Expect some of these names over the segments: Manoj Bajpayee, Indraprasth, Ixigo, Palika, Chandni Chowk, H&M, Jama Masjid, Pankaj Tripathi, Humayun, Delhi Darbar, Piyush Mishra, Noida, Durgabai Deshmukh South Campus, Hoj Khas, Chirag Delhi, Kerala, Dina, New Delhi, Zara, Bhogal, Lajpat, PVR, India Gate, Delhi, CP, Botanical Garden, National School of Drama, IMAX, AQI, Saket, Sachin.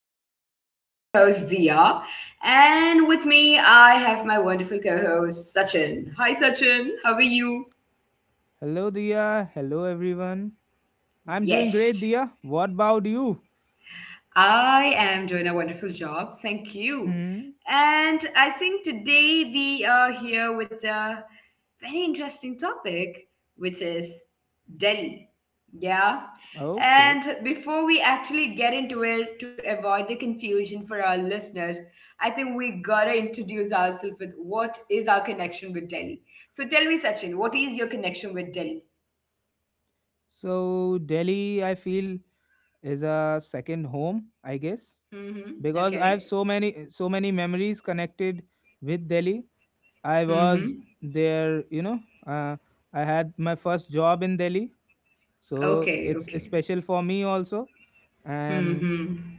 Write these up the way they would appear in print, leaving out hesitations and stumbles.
So, this is your host Dia, and with me I have my wonderful co-host Sachin. Hi Sachin, how are you? Hello, Dia. Hello, everyone. I'm doing great, Yes. Dia. What about you? I am doing a wonderful job. Thank you. Hmm. And I think today we are here with a very interesting topic, which is Delhi. Yeah. Okay. And before we actually get into it, to avoid the confusion for our listeners, I think we gotta introduce ourselves with what is our connection with Delhi. So tell me, Sachin, what is your connection with Delhi? So, Delhi, I feel, is a second home, I guess, Mm-hmm. because I have Okay. so many memories connected with Delhi. I was Mm-hmm. there, uh, I had my first job in Delhi, so Okay. it's Okay. special for me also. And Mm-hmm.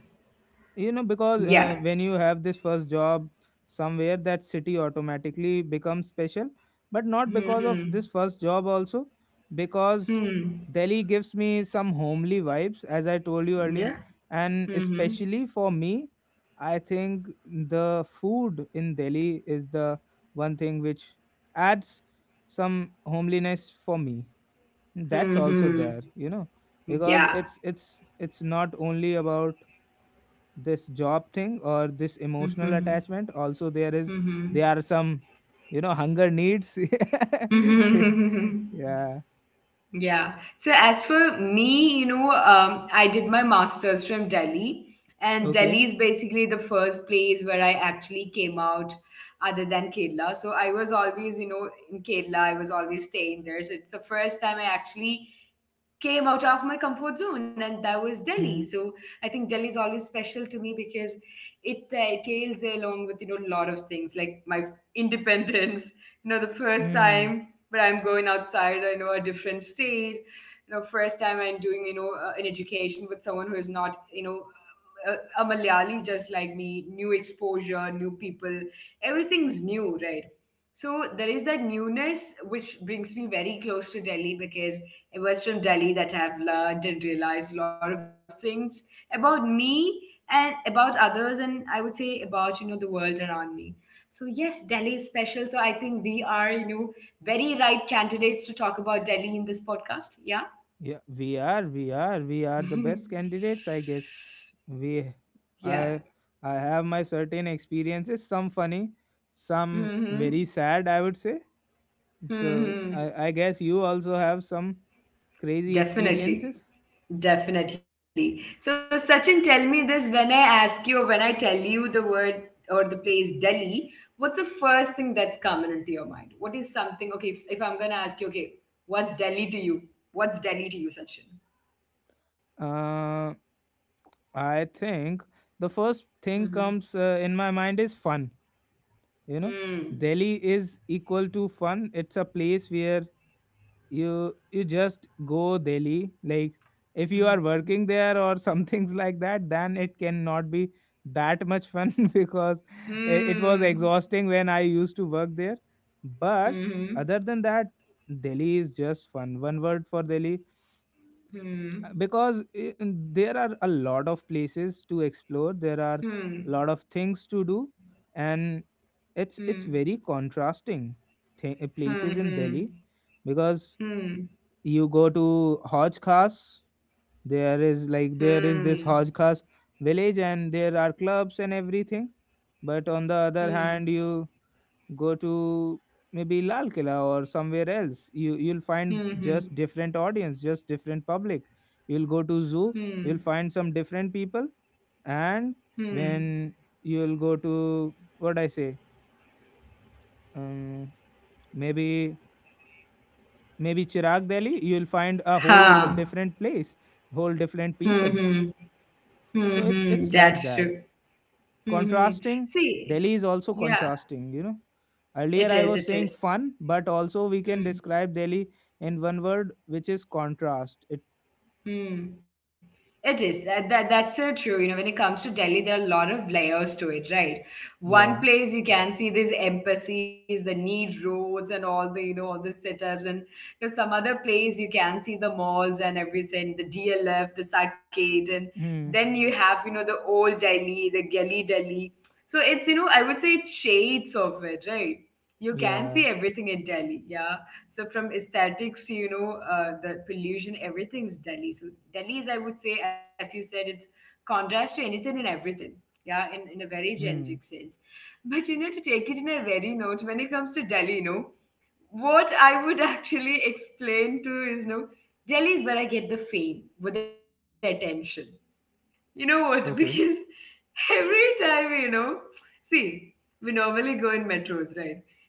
you know because Yeah. when you have this first job somewhere, that city automatically becomes special, but not because of this Hmm. first job also, because Hmm. Delhi gives me some homely vibes, as I told you earlier. Yeah. And Hmm. especially for me, I think the food in Delhi is the one thing which adds some homeliness for me. That's also Hmm. there, you know because Yeah. it's it's it's not only about this job thing or this emotional Hmm. attachment. Also, there is, Hmm. there are some, hunger needs. Hmm. Yeah. Yeah. So as for me, you know, I did my masters from Delhi, and Delhi Okay. is basically the first place where I actually came out, other than Kerala. So I was always, you know, in Kerala. I was always staying there. So it's the first time I actually came out of my comfort zone, and that was Delhi. Hmm. So I think Delhi is always special to me because it tails along with, you know, a lot of things like my independence. You know, the first Hmm. time when I'm going outside, I know a different state. You know, first time I'm doing, you know, an education with someone who is not, you know, a, a malayali just like me. New exposure, new people, everything's new, right? So there is that newness which brings me very close to Delhi because it was from Delhi that I've learned and realized a lot of things about me and about others, and I would say about, you know, the world around me. So yes, Delhi is special. So I think we are, you know, very right candidates to talk about Delhi in this podcast. Yeah, Yeah, we are, we are the best candidates, I guess. we yeah. i i have my certain experiences, some funny, some Mm-hmm. very sad, I would say. So Mm-hmm. I guess you also have some crazy Definitely. experiences. Definitely. So, Sachin, tell me this, when I ask you, or when I tell you the word or the place Delhi, what's the first thing that's coming into your mind? What is something, okay, if I'm going to ask you, okay, what's Delhi to you? What's Delhi to you, Sachin? uh I think the first Mm-hmm. thing comes in my mind is fun. You know, Hmm. Delhi is equal to fun. It's a place where you just go Delhi. Like, if you Hmm. are working there or some things like that, then it cannot be that much fun. Because it was Hmm. exhausting when I used to work there. But Hmm. other than that, Delhi is just fun. One word for Delhi, Hmm. because i- there are a lot of places to explore, Hmm. there are Hmm. a lot of things to do. And it's very contrasting, Hmm. places in Hmm. Delhi, because you go to Hoj Khas, there Hmm. is like, Hmm. there is this Hoj Khas village, and there are clubs and everything. But on the other Hmm. hand, you go to maybe Lal Killa or somewhere else. You, you'll Hmm. find Hmm. just different audience, just different public. You'll go to zoo, Hmm. you'll find some different people. And Hmm. when you'll go to, what I say, um, maybe maybe Chirag Delhi, you'll find a whole Ha. different place, whole different Hmm. people. So Mm-hmm, it's that's like true. that. Mm-hmm. Contrasting. See, Delhi is also yeah, contrasting, you know. it Earlier I is, it was saying is. fun, but also we can Hmm. describe Delhi in one word, which is contrast. It, Hmm. It is. That's so true. You know, when it comes to Delhi, there are a lot of layers to it, right? One place yeah. you can see these embassies, the neat roads and all the, you know, all the setups. And there's some other place you can see the malls and everything, the DLF, the Saket. And then you Hmm. have, you know, the old Delhi, the Geli Delhi. So it's, you know, I would say it's shades of it, right? You can see Yeah. everything in Delhi. Yeah. So from aesthetics to, you know, the pollution, everything's Delhi. So Delhi is, I would say, as you said, it's contrast to anything and everything. Yeah, in a very generic Hmm. sense. But you know, to take it in a very note, when it comes to Delhi, you know, what I would actually explain to is, no, Delhi is where I get the fame with the attention. You know what? Because Okay. every time, you know, see, we normally go in metros, right?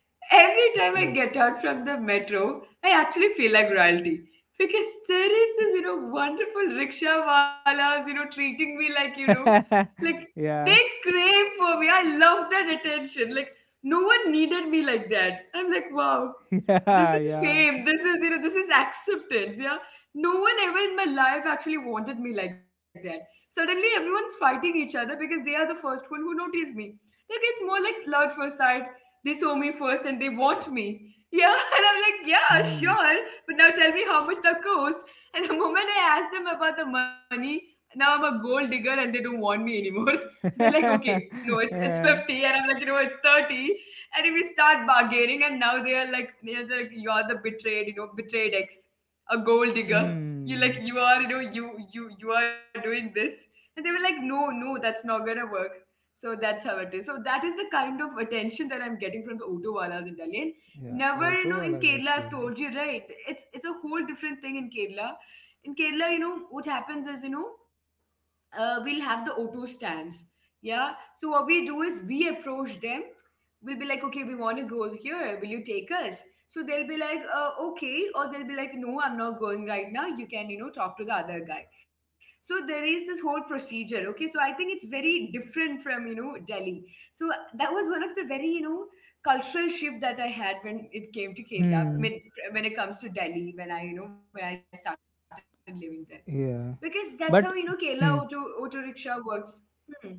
Every time I get Yeah. out from the metro, I actually feel like royalty. Because there is this, you know, wonderful rickshaw walas, you know, treating me like, you know, like they Yeah. crave for me. I love that attention. Like, no one needed me like that. I'm like, wow, this Yeah, is yeah. fame. This is, you know, this is acceptance. Yeah. No one ever in my life actually wanted me like that. Suddenly, everyone's fighting each other because they are the first one who noticed me. Like, it's more like love at first sight. They saw me first and they want me. Yeah, and I'm like, yeah, Hmm. sure. But now tell me how much that cost. And the moment I ask them about the money, now I'm a gold digger and they don't want me anymore. They're like, okay, no, it's Yeah. 50. And I'm like, you know, it's 30. And if we start bargaining, and now they are like, you know, they're like, you're the betrayed, you know, betrayed ex, a gold digger, you like, Hmm. you are, you know, you are doing this. And they were like, no, no, that's not gonna work. So that's how it is. So that is the kind of attention that I'm getting from the auto walas in Delhi. And Yeah, never, you auto know, in walas are Kerala, I've crazy. told you, right? It's a whole different thing in Kerala. In Kerala, you know what happens is, you know, we'll have the auto stands. Yeah. So what we do is we approach them. We'll be like, okay, we want to go here. Will you take us? So they'll be like, okay, or they'll be like, no, I'm not going right now. You can, you know, talk to the other guy. So there is this whole procedure. Okay. So I think it's very different from, you know, Delhi. So that was one of the very, you know, cultural shift that I had when it Hmm. came to Kerala. I mean, when it comes to Delhi, when I, you know, when I started living there, Yeah. because that's how, But. you know, Hmm. Kerala auto rickshaw works. Hmm.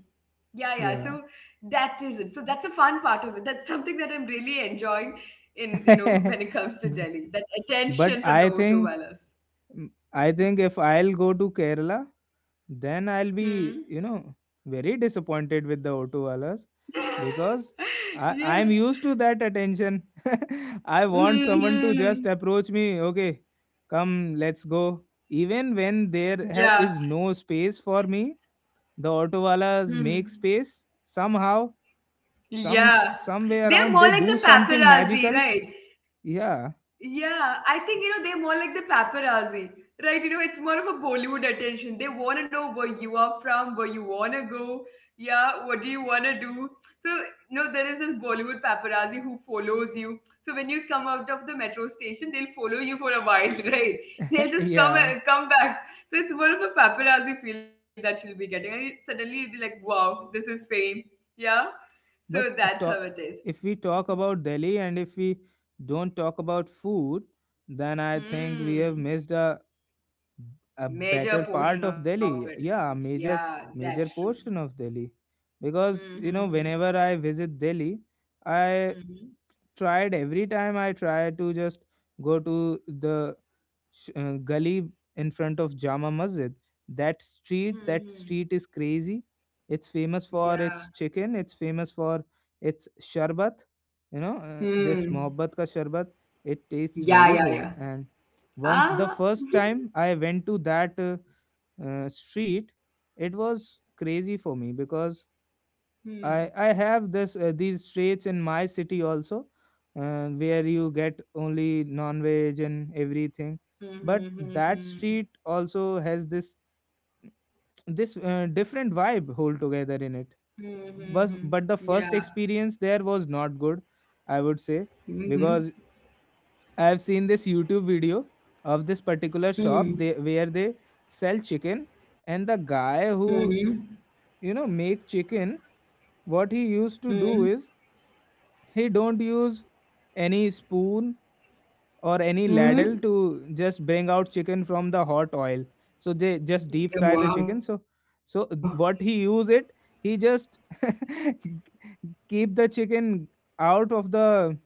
Yeah, yeah. Yeah. So that is it. So that's a fun part of it. That's something that I'm really enjoying in, you know, when it comes to B- Delhi. That but attention from the auto wallahs. I think if Hmm. I'll go to Kerala, then I'll be, you know, Hmm. very disappointed with the Otowalas, because I, I'm used Yeah. to that attention. I want someone to just Hmm. approach me, okay, come, let's go. Even when there is Yeah. no space for me, the auto Hmm. Otowalas make space somehow, Yeah. Some way They're more like around. the They do something paparazzi, magical. right? Yeah. Yeah, I think, you know, they're more like the paparazzi, right? You know, it's more of a Bollywood attention. They want to know where you are from, where you want to go. Yeah, what do you want to do? So, you know, there is this Bollywood paparazzi who follows you. So when you come out of the metro station, they'll follow you for a while, right? They'll just come Yeah. come back. So it's more of a paparazzi feel that you'll be getting. And suddenly you'll be like, wow, this is fame. Yeah. So But that's how it is. if we talk about Delhi, and if we don't talk about food, then I Mhm. think we have missed Hmm. a better Major part portion of of it. Delhi. Yeah, a major, Yeah, that's major true. portion of Delhi. Because, you know, Mm-hmm. whenever I visit Delhi, I Mm-hmm. tried, every time I try to just go to the gully in front of Jama Masjid. That Mm-hmm. street is crazy. It's famous for Yeah. its chicken. It's famous for its sharbat. You know, this Hmm. mohabbat ka sharbat. It tastes very Yeah, yeah, good. yeah. And once, the Ah. first time I went to that street, it was crazy for me. Because Hmm. I have this these streets in my city also, where you get only non-veg and everything. Hmm. But Hmm. Hmm. that hmm street also has this, this different vibe whole together in it. Mm-hmm. But the first Yeah. experience there was not good, I would say, Hmm. because I've seen this YouTube video of this particular shop Hmm. they, where they sell chicken, and the guy Hmm. who, you know, make chicken, what he used to Hmm. do is, he don't use any spoon or any Hmm. ladle to just bring out chicken from the hot oil. So they just deep fry the chicken. Wow. So, so what he use it, he just keep the chicken out of the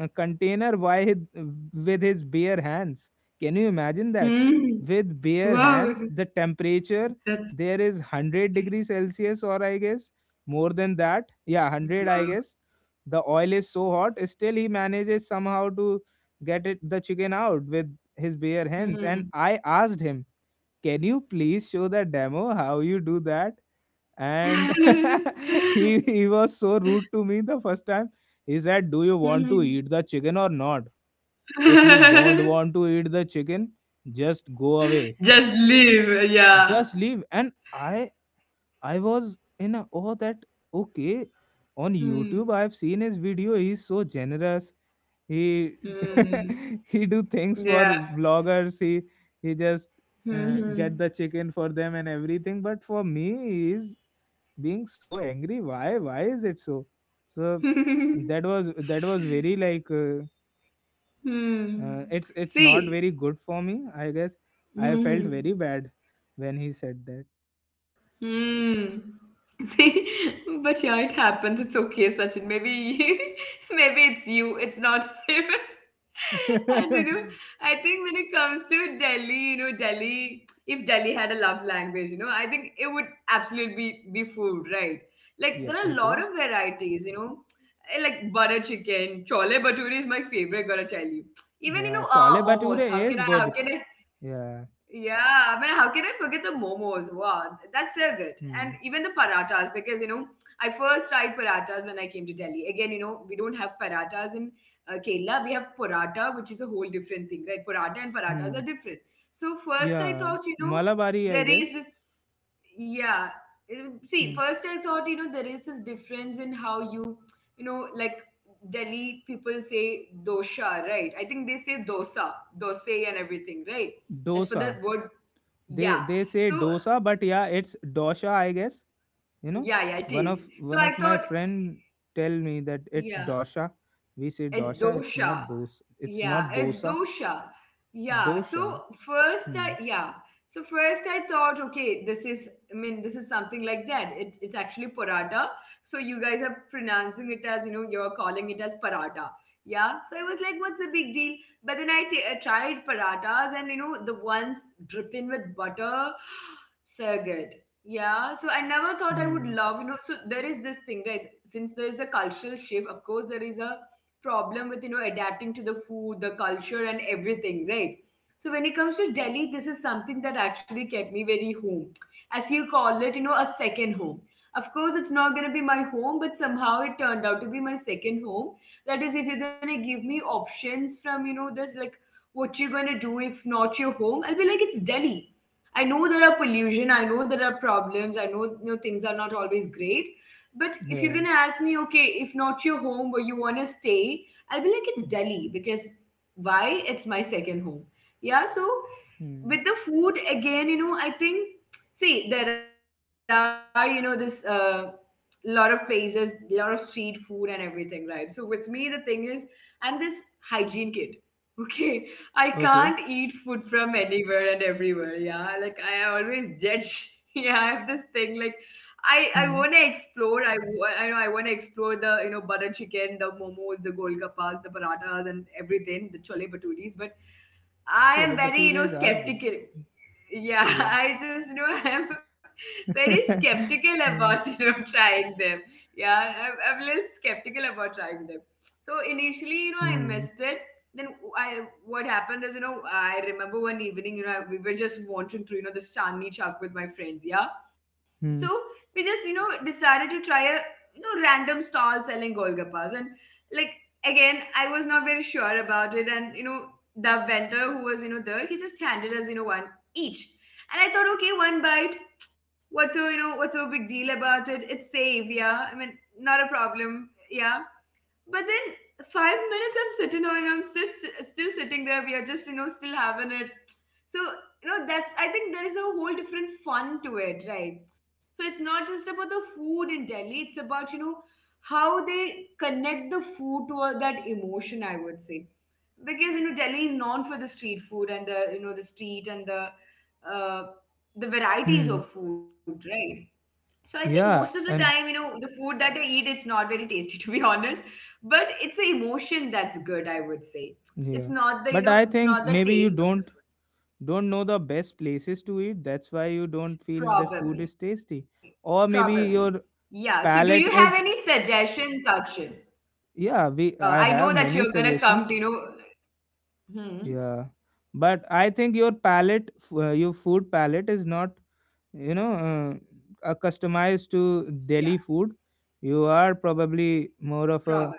container, with his bare hands. Can you imagine that? Hmm. With bare Wow. hands, the temperature That's there is 100 degrees celsius, or I guess more than that. Yeah, wow. 100, I guess. The oil is so hot, still he manages somehow to get it, the chicken out with his bare hands. And Hmm. I asked him, can you please show the demo how you do that? And he was so rude to me the first time. He said, do you want to Mm. eat the chicken or not? If you don't want to eat the chicken, just go away, Just leave. Yeah. just leave. And I, I was in a, oh, that, okay, on Hmm. YouTube I've seen his video, he's so generous, he, Mm, he do things for yeah. vloggers, he just get Mhm. the chicken for them and everything, but for me he's being so angry. Why is it so, so, that was, that was very like, Hmm. It's not See. very good for me, I guess. I felt Mhm. very bad when he said Hmm. See, but yeah, it happens. It's okay, Sachin. Maybe, maybe it's you. It's not him. And you know, I that. think when it comes to Delhi, you know, Delhi, if Delhi had a love language, you know, I think it would absolutely be food, right? Like there are a lot Yeah, of it is. varieties, you know, like butter chicken, chole bhature is my favorite, gotta tell you. Even, you know, Yeah, chole momos. How bature can I? How is can good. I? Yeah. Yeah, I mean, how can I forget the momos? Wow, that's so good. And Hmm. even the paratas, because, you know, I first tried paratas when I came to Delhi. Again, you know, we don't have paratas in Kerala. We have paratha, which is a whole different thing, right? Paratha and paratas Hmm. are different. So first, I Yeah, thought, you know, malabari, I there is guess. this. Yeah. See, Hmm. first I thought, you know, there is this difference in how you, you know, like Delhi people say dosha, right? I think they say dosa, dose and everything, right? As for the Dosa. word, they yeah. they say So dosa, but yeah, it's dosha, I guess. You know, yeah, yeah, it is. So one of I my thought, friend tell me that it's yeah. dosha. We say It's dosha. It's not dosha. dosa, it's not Yeah, it's dosa. dosha. Yeah. Dosha. So first I, Hmm. yeah. So first I thought, okay, this is, I mean, this is something like that. It's actually paratha. So you guys are pronouncing it as, you know, you're calling it as paratha. Yeah. So I was like, what's the big deal? But then I tried parathas and, you know, the ones dripping with butter, so good. Yeah, so I never thought I would Hmm. love, you know. So there is this thing, right? Since there is a cultural shift, of course, there is a problem with, you know, adapting to the food, the culture, and everything, right? So when it comes to Delhi, this is something that actually kept me very home, as you call it, you know, a second home. Of course it's not going to be my home, but somehow it turned out to be my second home. That is, if you're going to give me options from, you know, this, like, what you're going to do if not your home, I'll be like, it's Delhi. I know there are pollution, I know there are problems, I know, you know, things are not always great. But if you're Yeah. gonna ask me, okay, if not your home, where you wanna stay, I'll be like, it's Delhi because why? It's my second home. Yeah, so Hmm. with the food again, you know, I think, see, there are, you know, this, lot of places, lot of street food, and everything, right? So with me, the thing is, I'm this hygiene kid. Okay. I can't eat Okay. food from anywhere and everywhere, yeah, like, I always judge. Yeah, I have this thing like I want to Hmm. explore. I know I want to explore the, you know, butter chicken, the momos, the golgappas, the parathas, and everything, the chole bhaturis. But Chale I am bhatures very, you are know, good. skeptical. Yeah. Yeah. I just know. I'm very skeptical Yeah. about, you know, trying them. Yeah, I'm less skeptical about trying them. So initially, you know, I Hmm. missed it. Then I what happened is, you know, I remember one evening, you know, we were just wandering through, you know, the Chandni Chowk with my friends, yeah. So Hmm. we just, you know, decided to try a, you know, random stall selling golgappas, and, like, again, I was not very sure about it. And, you know, the vendor who was, you know, there, he just handed us, you know, one each. And I thought, okay, one bite. What's so You know, what's so big deal about it? It's safe, yeah. I mean, not a problem, yeah. But then, 5 minutes, I'm sitting on, I'm sit, still sitting there. We are just, you know, still having it. So, you know, that's, I think, there is a whole different fun to it, right? So it's not just about the food in Delhi. It's about, you know, how they connect the food to all that emotion, I would say. Because, you know, Delhi is known for the street food and the, you know, the street and uh, the varieties of Hmm. food, right? So I think most of the Yeah. time, you And know, the food that I eat, it's not very tasty to be honest, but it's the emotion that's good, I would say. It's yeah, not the, you know, but I it's not think the maybe you taste of the don't, food. Know the best places to eat, that's why you don't feel that food is Probably, tasty. probably. Or maybe your Yeah. So do you have any palate is. suggestions, Sachin? Yeah, I we, know that I you're have gonna many come to, you know. suggestions. Hmm. Yeah, but I think your palette, your food palette is not, you know, Yeah. Customized to Delhi food. You are Probably. probably more of a,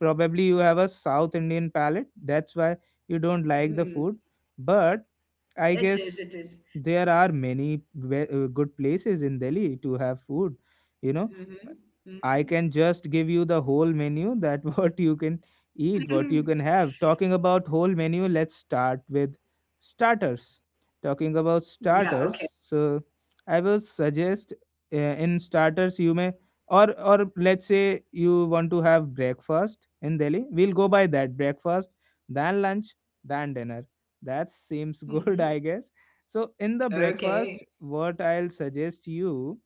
probably you have a South Indian palette. That's why you Hmm. don't like the food. But It I is. It guess is. there are many good places in Delhi to have food. You know, Mhm. Mhm. I can just give you the whole menu that what you can eat, what you can have. Talking about whole menu, let's start with starters. Talking about Yeah, okay. starters, so I will suggest, in starters you may, or let's say you want to have breakfast in Delhi. We'll go by that, breakfast, then lunch, then dinner. That seems good, I Mhm. guess. So in the Okay. breakfast, what I'll suggest you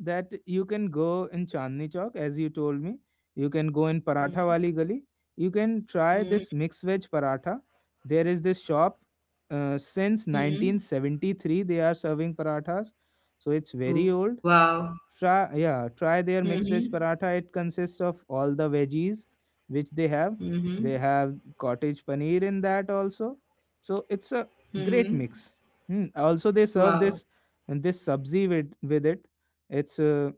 that you can go in Chandni Chowk, as you told me. You can go in Paratha Mhm. Wali Gali. You can try Mhm. this mixed veg paratha. There is this shop, since Mhm. 1973 they are serving parathas, so it's very old. Wow. Try, yeah, try their Mhm. mixed veg paratha. It consists of all the veggies which they have. They Mhm. have cottage paneer in that also, so it's a great Mhm. mix. Hmm, also they serve this, Wow. and this sabzi with it. It's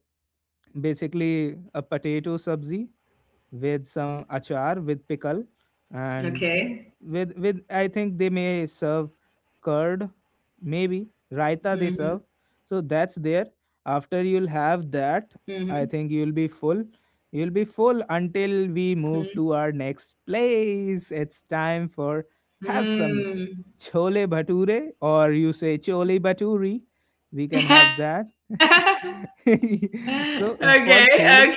basically a potato sabzi with some achar, Okay. with pickle. And with, I think they may serve curd, maybe raita Mhm. they serve. So that's there. Mhm. After you'll have that, I think you'll be full. You'll be full Mhm. until we move to our next place. It's time for have some Mm. chole bhature, or you say chole bhaturi, we can have that. So Okay, for chole, okay.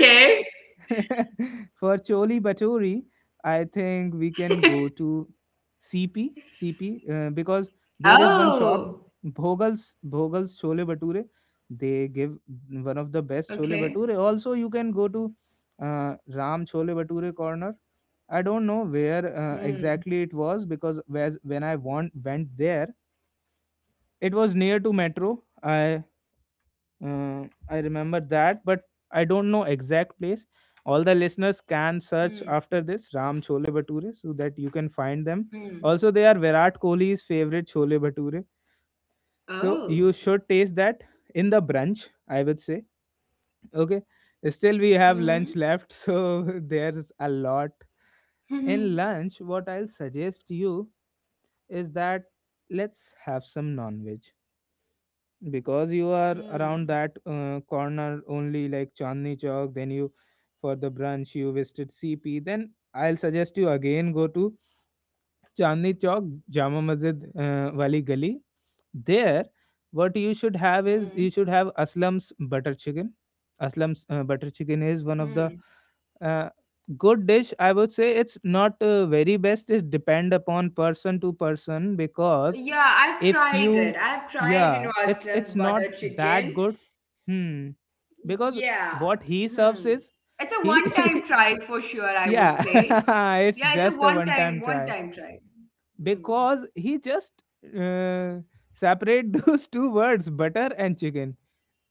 for Choli Bhatori, I think we can go to CP, because there is one shop, Oh, Bhogal's, Bhogal's Chole Bhature. They give one okay. of the best Chole Bhature. Also, you can go to Ram Chole Bhature corner. I don't know where Mm, exactly it was, because whereas when I went there, it was near to metro. I, I remember that, but I don't know exact place. All the listeners can mm, search after this Ram Chole Bhature, so that you can find them. mm. Also, they are Virat Kohli's favorite Chole Bhature, so you Oh. should taste that in the brunch, I would say. Okay. Still, Mm. we have lunch left, so there's a lot. Mm. In lunch, what I'll suggest you is that let's have some non-veg, because you are around that corner only, like Chandni Chowk, then you, for the brunch you visited CP, then I'll suggest you again go to Chandni Chowk, Jama Masjid Wali Gali. There, what you Mm. should have is, you should have Aslam's butter chicken. Aslam's butter chicken is Mm. one of the uh, good dish. I would say it's not very best. It depend upon person to person because Yeah, I've if tried you it. I've tried, you yeah know, it's Aslam's it's not butter that chicken. good. Hmm. Yeah. Because what he Hmm. serves It's is a one-time he try for sure, I would yeah say. Yeah, it's a it's just a one time one-time try, try. Hmm. because he just uh, separate those two words, butter and chicken,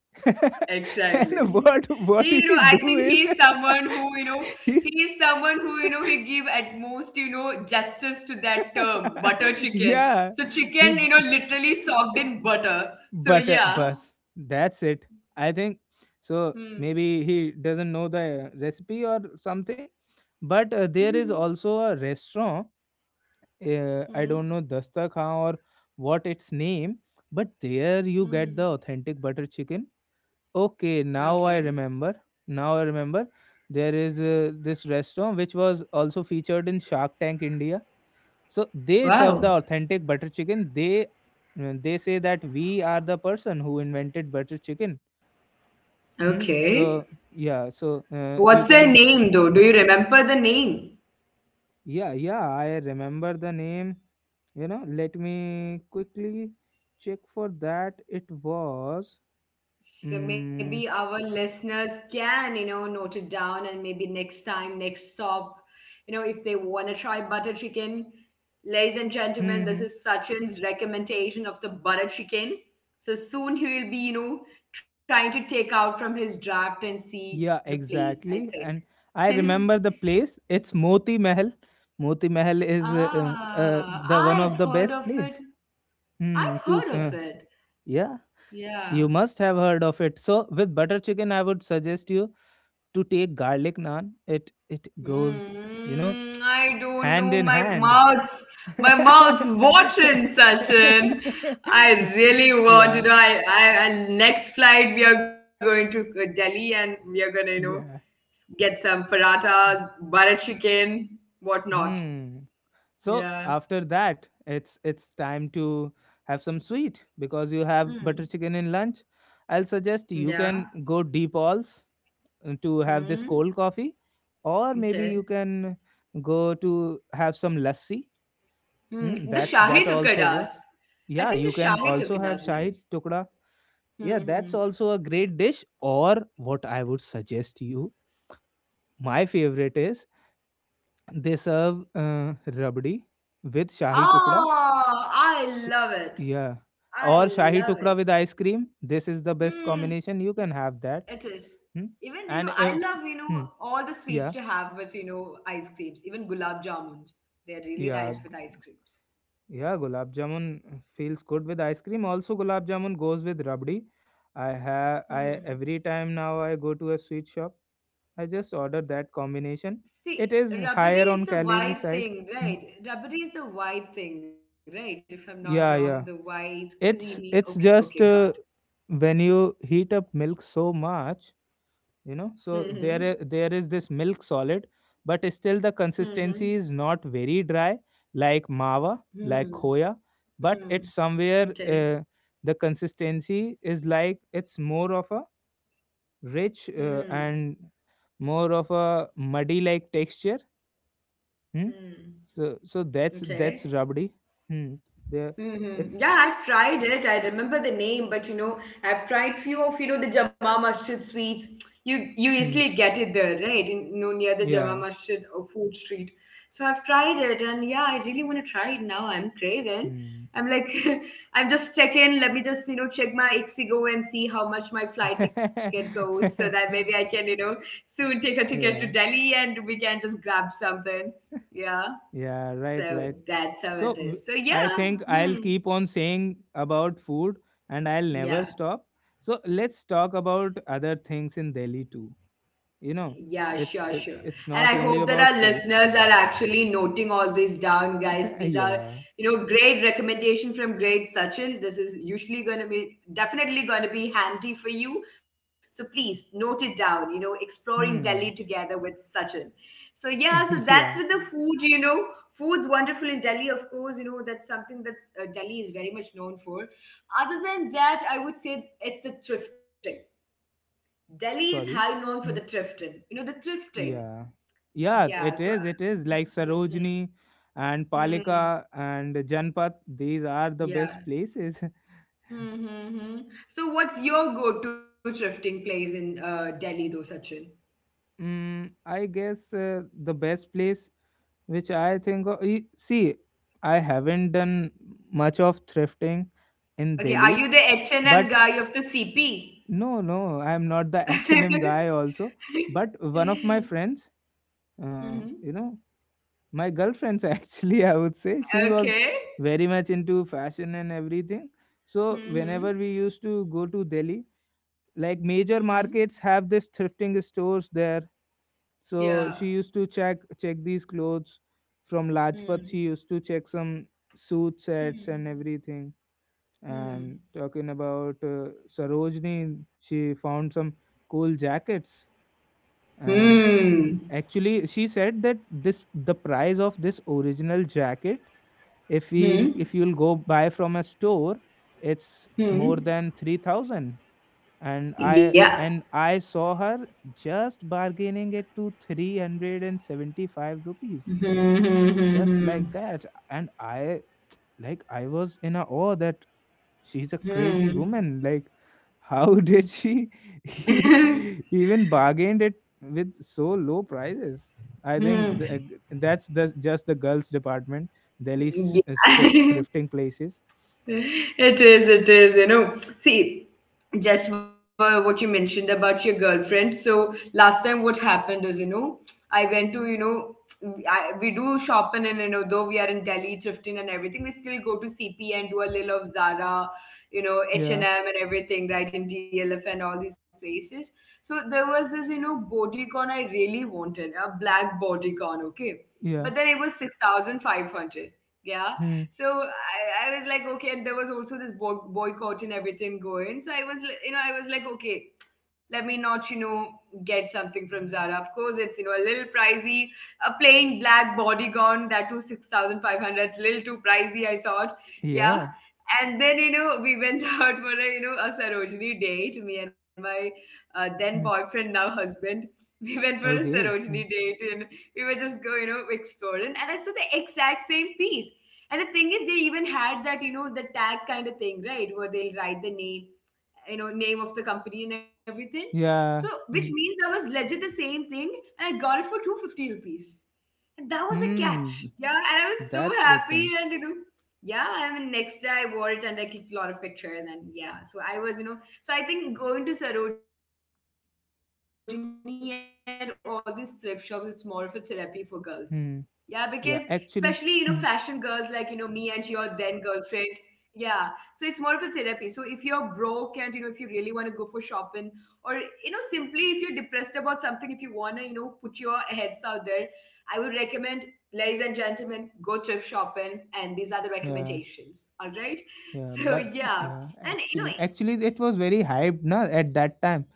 Exactly. and what He, you know, he I do think is he's someone who, you know, he he is someone who, you know, he give at most, you know, justice to that term, butter chicken. yeah So he chicken, you know, literally soaked in butter. So but yeah. bus that's it, I think. So Hmm. maybe he doesn't know the recipe or something. But there is also a restaurant, I don't know, Hmm. Dastak Khan or what its name. But there you get the Hmm. authentic butter chicken. Okay, now I Okay. remember, now I remember. There is this restaurant which was also featured in Shark Tank India. So they serve the Wow. authentic butter chicken. They say that we are the person who invented butter chicken. Hmm? So Okay. yeah, so you What's their can. name though? Do you remember the name? Yeah, yeah, I remember the name. You know, let me quickly check for that. It was So mm, maybe our listeners can, you know, note it down, and maybe next time, next stop, you know, if they want to try butter chicken. Ladies and gentlemen, hmm, this hmm. is Sachin's recommendation of the butter chicken. So soon he will be, you know, trying to take out from his draft and see Yeah, the place, I exactly, think. and I remember the place. It's Moti Mahal. Moti Mahal is the Ah, one of the I've best heard of place. it. Hmm, I've to s- heard uh, of it. yeah. You Yeah. must have heard of it. So with butter chicken, I would suggest you to take garlic naan. It goes, you know, Mm, I don't hand know. in My hand. mouth's my mouth's watering, Sachin. I really want Yeah, to know. I next flight we are going to Delhi, and we are gonna, you know, yeah. get some parathas, butter chicken, whatnot. Hmm. So Yeah. after that, it's time to have some sweet, because you have butter Mm, chicken in lunch. I'll suggest yeah. you can go Deep Alls, to have this Mm, cold coffee, or maybe you okay. can go to have some lassi. Mm, Mm, the that Shahi also Tukadas. works. I Yeah, think you the can Shahi also have Tukadas shahi nice. tukda. Hmm. Yeah, that's Hmm. also a great dish. Or what I would suggest you, my favorite is they serve uh, rabdi with shahi tukda. Oh, I sh- love it. yeah, or I shahi love tukda it. with ice cream, this is the best Mm, combination, you can have it that. is. Hmm. Even, you know, I And love, you if know, hmm, all the sweets to yeah, have with, you know, ice creams, even gulab jamuns. They're really nice yeah. with ice creams. Yeah, gulab jamun feels good with ice cream. Also, gulab jamun goes with rabdi. I have Hmm. I every time now I go to a sweet shop, I just order that combination. It See, is rabdi higher on is the calorie white side. thing, Hmm. right? Rabdi is the white thing, right? If I'm not wrong, the Yeah, yeah. white, creamy. It's Okay, it's okay, got just when you heat up milk so much, you know, so it. there there is this milk solid, but still the Mm-hmm. Mm-hmm. consistency is not very dry, like mawa, Hmm. like khoya. Hmm. Hmm, But it's hmm. somewhere Okay. uh, the consistency is like, it's more of a rich Hmm. and more of a muddy like texture. Hmm? Hmm. So that's Okay. rabdi. Hmm. There Hmm. it's Yeah, I've tried it. I remember the name, but, you know, I've tried few of, you know, the Jama Masjid sweets. You hmm. easily get it there, right? In, you know, near the Jama Yeah. Masjid or food street. So I've tried it, and yeah, I really want to try it now. I'm craving. Hmm. I'm like, I'm just checking. Let me just, you know, check my Ixigo and see how much my flight ticket goes, so that maybe I can, you know, soon take a ticket to Yeah. Delhi and we can just grab something. Yeah. Yeah, right, right. So that's So how it is. So I think yeah, I'll keep hmm, on saying about food and I'll never stop. yeah. So let's talk about other things in Delhi too. You know, Yeah, it's sure, it's sure. it's And not I only hope that about our food. listeners are actually noting all these down, guys. These are, Yeah. you know, great recommendation from great Sachin. This is usually going to be definitely going to be handy for you. So please note it down, you know, exploring Delhi Hmm. together with Sachin. So yeah, so that's Yeah. with the food, you know. Food's wonderful in Delhi, of course, you know, that's something that's Delhi is very much known for. Other than that, I would say it's the thrifting. Delhi is Sorry. high known for Hmm. the thrifting. You know, the thrifting. Yeah. Yeah, it Yeah. So, is. It is like mm-hmm, Sarojini and mm, Palika and Janpat. These are the yeah. best places. Mm-hmm. Mm-hmm. So, what's your go-to thrifting place in Delhi, though, Sachin? Mm, I guess the best place which I think of, see, I haven't done much of thrifting in Okay, are Delhi, you the H&M but guy of the CP? no, no, I'm not the H&M guy also. But one of my friends, Mm-hmm. you know, my girlfriend's, actually, I would say, she was Okay. very much into fashion and everything. So whenever we Mm-hmm. used to go to Delhi, like major Mm-hmm. markets have this thrifting stores there. So Yeah. she used to check these clothes from Lajpat. She Mm-hmm. used to check some suit sets and Hmm. everything. And Hmm. talking about Sarojini, she found some cool jackets. And Hmm. actually, she said that this, the price of this original jacket, if Hmm. we if you'll go buy from a store, it's Hmm. more than 3,000, and Yeah. I saw her just bargaining it to 375 rupees, Hmm. just Hmm. like that. And I like, I was in a awe that she's a crazy Hmm. woman. Like how did she Hmm. even bargained it with so low prices. I think Hmm. That's the just the girls department. Delhi shift Yeah. thrifting places. It is, you know. See, just for what you mentioned about your girlfriend. So last time what happened was, you know, I went to, you know, we do shopping, and, you know, though we are in Delhi thrifting and everything, we still go to CP and do a little of Zara, you know, Yeah, H&M and M and everything, right, in DLF and all these places. So there was this, you know, bodycon I really wanted, a black bodycon, okay? yeah, But then it was 6,500. Yeah, hmm, so I was like, okay, and there was also this boycott and everything going, so you know, I was like, okay, let me not, you know, get something from Zara. Of course it's, you know, a little pricey. A plain black bodygon, that too 6,500, little too pricey, I thought. Yeah. yeah, And then, you know, we went out for a, you know, a Sarojini date, me and my then hmm, boyfriend, now husband. We went for a okay, Sarojini hmm, date, and we were just go you know, exploring, and I saw the exact same piece. And the thing is, they even had that, you know, the tag kind of thing, right? Where they'll write the name, you know, name of the company and everything. So, yeah. which means Hmm. that was legit the same thing, and I got it for 250 rupees. And that was a catch. Hmm, Yeah, and I was so that's the happy. thing. And, you know, yeah, I mean, next day I wore it and I clicked a lot of pictures. And yeah, so I was, you know, so I think going to Sarojini and all these thrift shops, it's more of a therapy for girls. Yeah, because especially, you know, fashion girls Hmm. like, you know, me Yeah, and your actually. then Hmm. girlfriend, yeah, so it's more of a therapy. So if you're broke, and, you know, if you really want to go for shopping, or, you know, simply if you're depressed about something, if you want to, you know, put your heads out there, I would recommend, ladies and gentlemen, go thrift shopping, and these are the Yeah, recommendations. All right? So yeah, yeah. but And yeah, you know. actually, actually, it was very hyped, na, at that time.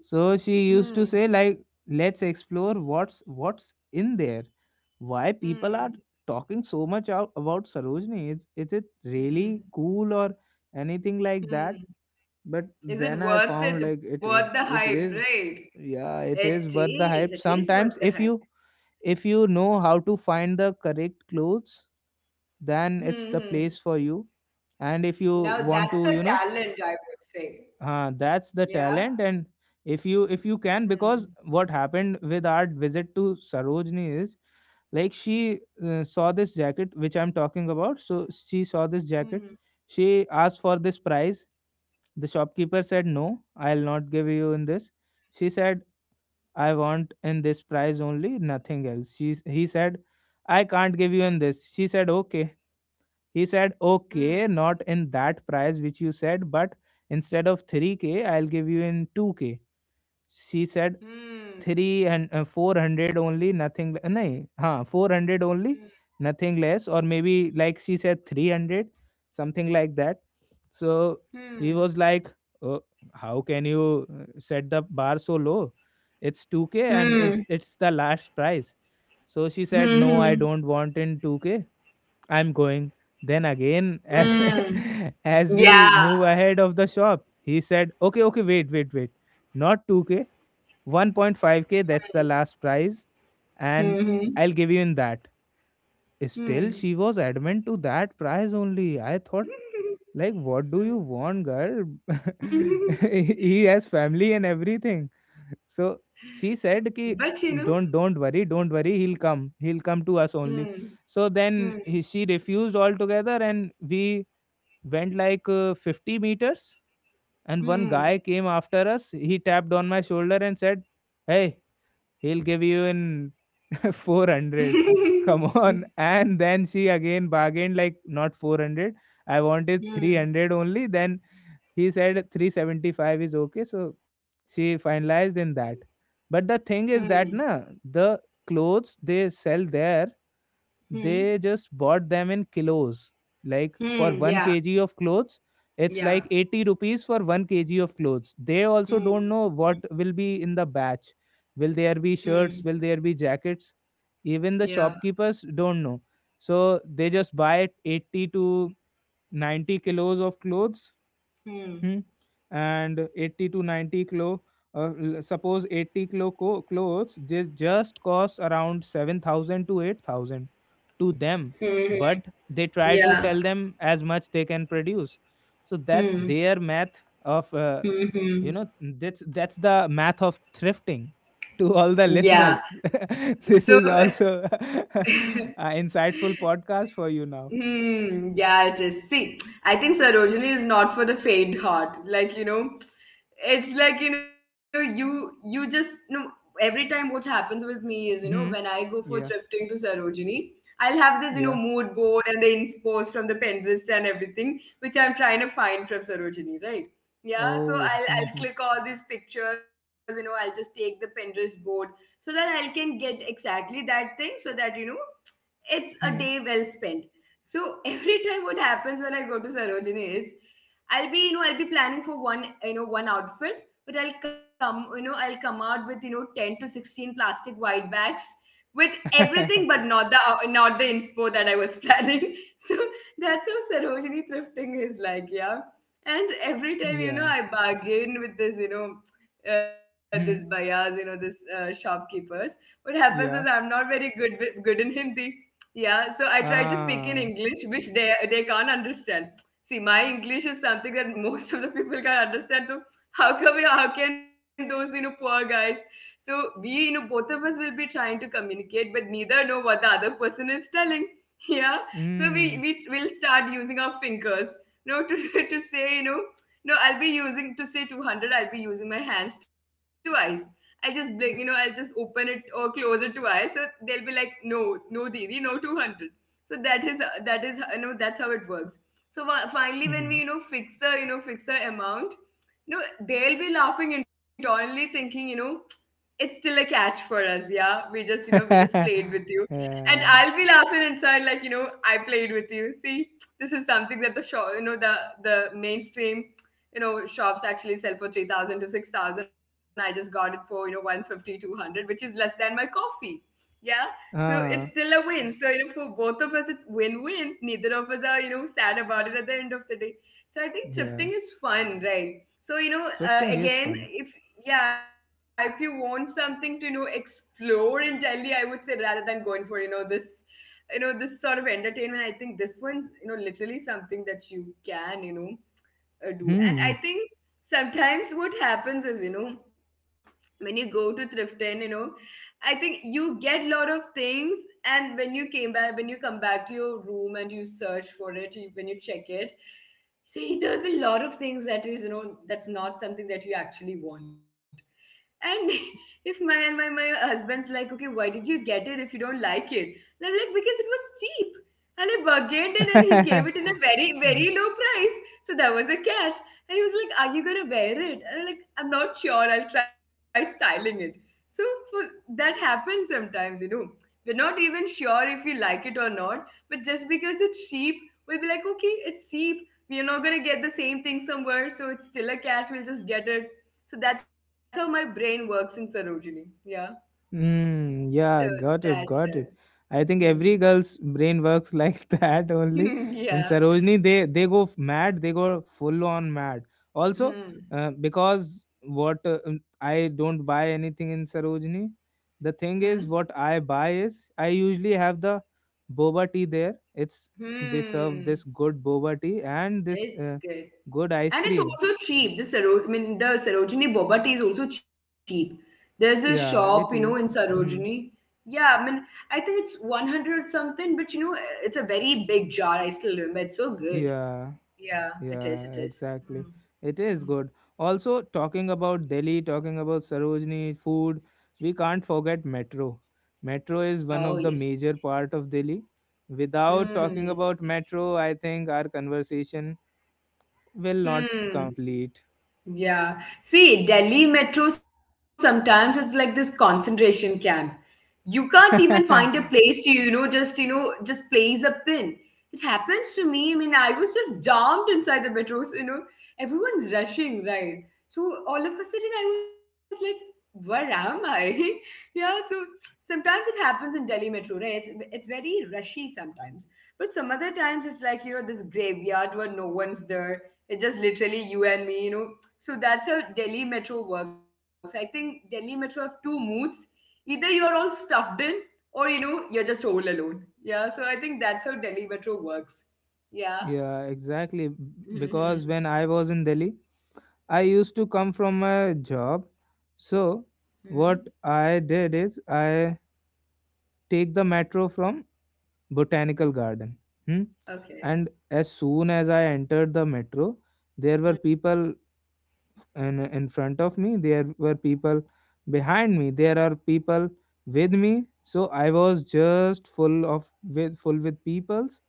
So she Hmm, used to say like, let's explore what's in there, why people are hmm, talking so much out about Sarojini. Is it really hmm, cool or anything like that? hmm. But then Is I it found like worth the it hype, is, right? yeah, it It is worth the is. hype. It is worth Sometimes the if hype. you, if you know how to find the correct clothes, then Hmm. it's the Hmm. place for you. And if you Now want that's to, a you know, talent, I would say. That's the Yeah. talent. And if you Hmm. can, because what happened with our visit to Sarojini is like she saw this jacket which I'm talking about. So she saw this jacket. Hmm. She asked for this price. The shopkeeper said, no, I'll not give you in this. She said, I want in this price only, nothing else. He said, I can't give you in this. She said, okay. He said, Hmm. okay, not in that price which you said, but instead of 3K, I'll give you in 2K. She said, Hmm. three and 400 only, nothing nahi, huh, 400 only, nothing less. Or maybe like she said 300, something like that. So he Hmm. was like, oh, how can you set the bar so low, it's 2k and Hmm. it's the last price. So she said, no, Hmm. I don't want in 2k, I'm going. Then again, as Mm. as we Yeah. move ahead of the shop, he said, "Okay, okay, wait, wait, wait. Not 2k. 1.5k that's the last prize, and Hmm. I'll give you in that." Still she Hmm. was adamant to that prize only. I thought like, what do you Hmm. want, girl? Hmm. He has family and everything. So she said, ki But you know. Don't worry, don't worry, he'll come, he'll come to us only. Hmm. So then Hmm. he, she refused altogether, and we went like 50 meters, and one guy Hmm. came after us, he tapped on my shoulder and said, hey, he'll give you in 400, come Hmm. on. And then she again bargained like, not 400, I wanted Hmm. 300 only. Then he said 375 is okay. So she finalized in that. But the thing is Hmm. that na, the clothes they sell there, Hmm. they just bought them in kilos. Like for Mm. 1 Yeah. kg of clothes, it's like Yeah. 80 rupees for 1 kg of clothes. They also don't Hmm. know what will be in the batch. Will there be Hmm. shirts? Will there be jackets? Even the Yeah. shopkeepers don't know. So they just buy 80 to 90 kilos of clothes. Hmm. Hmm. And 80 to 90 kilo, suppose 80 kilo clothes, they just cost around 7,000 to 8,000 to them, Hmm. but they try Yeah. to sell them as much they can produce. So that's Hmm. their math of, you Hmm. know, that's the math of thrifting. To all the Yeah. listeners, So. this is also an insightful podcast for you now. Hmm, yeah, it is. See, I think Sarojini is not for the faint heart. Like, you know, it's like, you know, you just no every time what happens with me is, you know, when I Hmm. go for Yeah. thrifting to Sarojini, I'll have this, you know, Yeah. mood board and the inspost from the Pinterest and everything, which I'm trying to find from Sarojini, right? Yeah, so Oh. I'll Mm-hmm. I'll click all these pictures, I'll just take the Pinterest board so that I can get exactly that thing so that, it's a day Hmm. well spent. So every time what happens when I go to Sarojini is I'll be, I'll be planning for one, one outfit, but I'll come, I'll come out with, you know, 10 to 16 plastic white bags with everything, but not the inspo that I was planning. So that's how Sarojini thrifting is like, yeah. And every time, Yeah. I bargain with this, this Hmm. buyers, you know, this shopkeepers. What happens is I'm Yeah. not very good with- good in Hindi, yeah, so I try to speak in Ah. English, which they can't understand. See, my English is something that most of the people can't understand. So how can we, how can those, you know, poor guys? So we, both of us will be trying to communicate, but neither know what the other person is telling. Yeah, so we Mm. will start using our fingers. No, to to say, you know, no, I'll be using to say 200. I'll be using my hands twice. I just blink, you know, I'll just open it or close it to eyes. So they'll be like, no, no, Didi, no 200. So that is, you know, that's how it works. So finally, when we, Mhm. fix the, fix the amount, no, they'll be laughing internally thinking, you know, it's still a catch for us. Yeah. We just, we just played with you. And I'll Yeah. be laughing inside like, you know, I played with you. See, this is something that the mainstream, you know, shops actually sell for 3,000 to 6,000. I just got it for, you know, 150, 200, which is less than my coffee. Yeah, so it's still a Ah. win. So, you know, for both of us it's win-win, neither of us are, you know, sad about it at the end of the day. So I think thrifting Yeah. is fun, right? So, Thrifting is again, fun. if, yeah, if you want something to, you know, explore in Delhi, I would say rather than going for, you know, this sort of entertainment, I think this one's, you know, literally something that you can, do. And I Hmm. think sometimes what happens is, you know, when you go to Thriften, you know, I think you get a lot of things. And when you come back to your room and you search for it, you, when you check it, see, there'll be a lot of things that is, you know, that's not something that you actually want. And if my and my, my husband's like, okay, why did you get it if you don't like it? And I'm like, because it was cheap. And I bargained it and he gave it in a very, very low price. So that was a catch. And he was like, are you gonna wear it? And I'm like, I'm not sure, I'll try styling it. So for, that happens sometimes, you know. We're not even sure if we like it or not, but just because it's cheap, we'll be like, okay, it's cheap. We're not gonna get the same thing somewhere, so it's still a catch, we'll just get it. So that's how my brain works in Sarojini. Yeah. So Mm, yeah, got that's it, it. got it. I think Hmm. every girl's brain works like that only. In Yeah. Sarojini, they go mad, they go full on mad. Also, Hmm. Because what I don't buy anything in Sarojini. The Hmm. thing is, what I buy is I usually have the boba tea there. It's they serve this Hmm, good boba tea and this it's good. good ice And it's cream. also cheap. The Sarojini boba tea is also cheap. There's this shop, you Yeah, know, in it is. Sarojini. Hmm. Yeah, I mean, I think it's 100 something, but you know, it's a very big jar. I still remember. It's so good. Yeah. Yeah, it is. It Yeah, is. exactly. Hmm. It is Hmm. good. Also, talking about Delhi, talking about Sarojini, food, we can't forget metro. Metro is Oh, one of yes. the major part of Delhi. Without talking Hmm. about metro, I think our conversation will not Hmm. complete. Yeah. See, Delhi Metro sometimes it's like this concentration camp. You can't even find a place to, you know, just place a pin. It happens to me, I mean, I was just jammed inside the metro. So, you know, everyone's rushing, right? So all of a sudden I was like, where am I? Yeah, so sometimes it happens in Delhi metro, right, it's very rushy sometimes, but some other times it's like, you know, this graveyard where no one's there. It's just literally you and me, you know. So that's how Delhi metro works. I think Delhi metro have two moods: either you're all stuffed in or, you know, you're just all alone. Yeah, so I think that's how Delhi metro works. Yeah. Yeah, exactly. Because when Hmm. I was in Delhi, I used to come from a job. So Hmm. what I did is I take the metro from botanical garden. Hmm? Okay. And as soon as I entered the metro, there were people in front of me, there were people behind me, there are people with me. So I was just full of with full with peoples,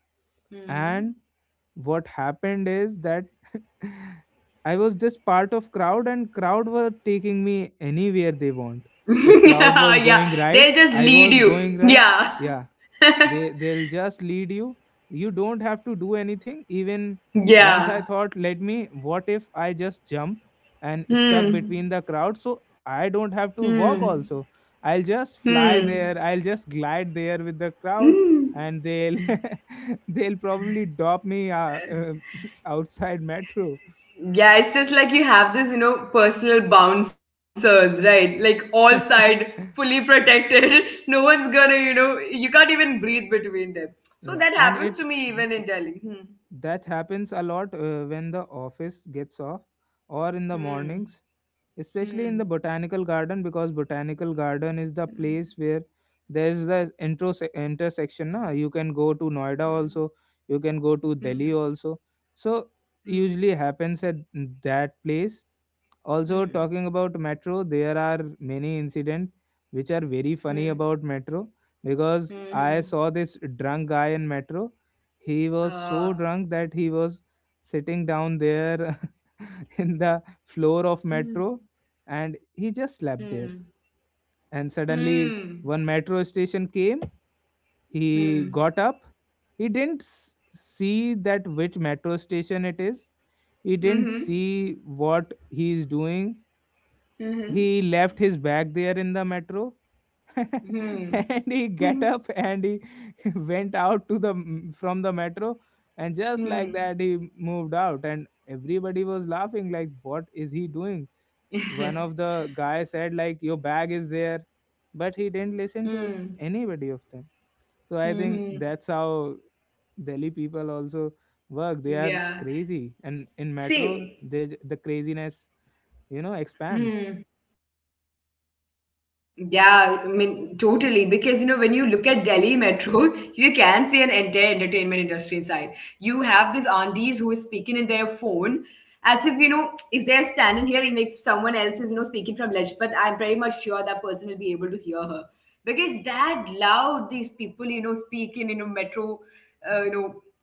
and Hmm. what happened is that I was just part of crowd, and crowd were taking me anywhere they want. If crowd Yeah, was yeah, going they'll right, just I lead was you, going right. yeah. Yeah, they they'll just lead you, you don't have to do anything even. Once I Yeah. thought, let me, what if I just jump and stuck between Hmm. the crowd, so I don't have to walk Hmm. also, I'll just fly Hmm. there, I'll just glide there with the crowd, Hmm. and they'll they'll probably drop me outside metro. Yeah, it's just like you have this, you know, personal bouncers, right? Like all Yeah. side fully protected. No one's gonna, you know, you can't even breathe between them. So that And happens to it, me even in Delhi. Hmm. that happens a lot when the office gets off, or in the mornings, especially in the Hmm. botanical garden, because botanical Hmm. garden is the place where there's the intro intersection, na? You can go to Noida also. You can go to Hmm. Hmm. Delhi also. So usually happens at that place also. Talking Hmm. about metro, there are many incident which are very funny Hmm. about metro, because Hmm. Hmm. I Hmm. saw this drunk guy in metro. He was so Uh, drunk that he was sitting down there in the floor of Hmm. Ah. metro, Hmm. and he just Hmm. slept there. And suddenly Hmm. one metro station came, he got up, he didn't see that which metro station it is. He didn't Hmm. see what he is doing. He Mhm. left his bag there in the metro, Mhm. and he get Hmm. up and he went out to the from the metro, and just like Hmm. that Hmm. he moved out and everybody was laughing like what is he doing. One of the guy said like your bag is there, but he didn't listen to Hmm. anybody of them. So I think Hmm. that's how Delhi people also work. They are Yeah. crazy, and in metro See, they the craziness, you know, expands. hmm. Yeah, I mean, totally. Because, you know, when you look at Delhi Metro, you can see an entire entertainment industry inside. You have these aunties who is speaking in their phone as if, you know, if they're standing here and if someone else is, you know, speaking from Lajpat, I'm pretty much sure that person will be able to hear her. Because that loud these people, you know, speak in, you know,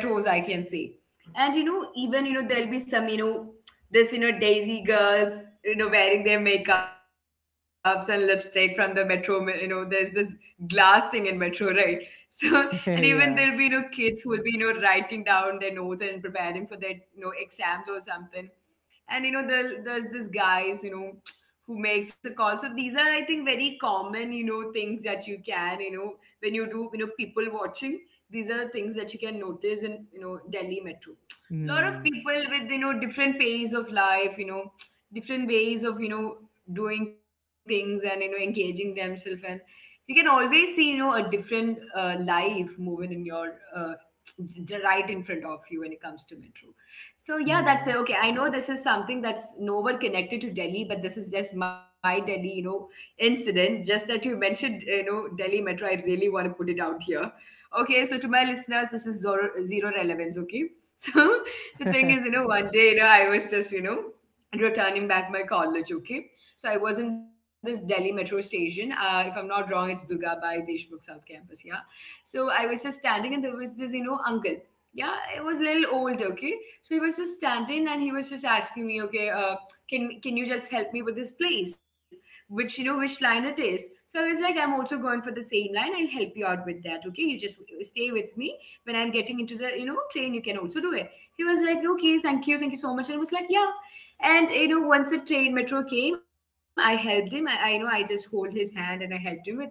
metros, I can say. And you know, even, you know, there'll be some, you know, this, you know, Daisy girls, you know, wearing their makeups and lipstick from the metro. You know, there's this glass thing in metro, right? So, and even there'll be, you know, Yeah. kids who will be, you know, writing down their notes and preparing for their, you know, exams or something. And you know, there's this guys, you know, who makes a call. So these are, I think, very common, you know, things that you can, you know, when you do, you know, people watching. These are things that you can notice in, you know, Delhi metro. Lot of Hmm. people with, you know, different pace of life, you know, different ways of, you know, doing things and, you know, engaging themselves, and you can always see, you know, a different, life moving in your, right in front of you when it comes to metro. So yeah, that's Hmm. it. Okay, I know this is something that's nowhere connected to Delhi, but this is just my Delhi, you know, incident just that you mentioned, you know, Delhi metro, I really want to put it out here. Okay, so to my listeners, this is zero, zero relevance, okay? So the thing is, you know, one day, you know, I was just, you know, returning back my college, okay? So I was in this Delhi metro station. If I'm not wrong, it's Durgabai Deshmukh South Campus, yeah? So I was just standing and there was this, you know, uncle. Yeah, it was a little old, okay? So he was just standing and he was just asking me, okay, can you just help me with this place? Which, you know, which line it is. So I was like, I'm also going for the same line. I'll help you out with that, okay? You just stay with me when I'm getting into the, you know, train, you can also do it. He was like, okay, thank you so much. And I was like, yeah. And you know, once the train metro came, I helped him. I you know I just hold his hand and I helped him with it.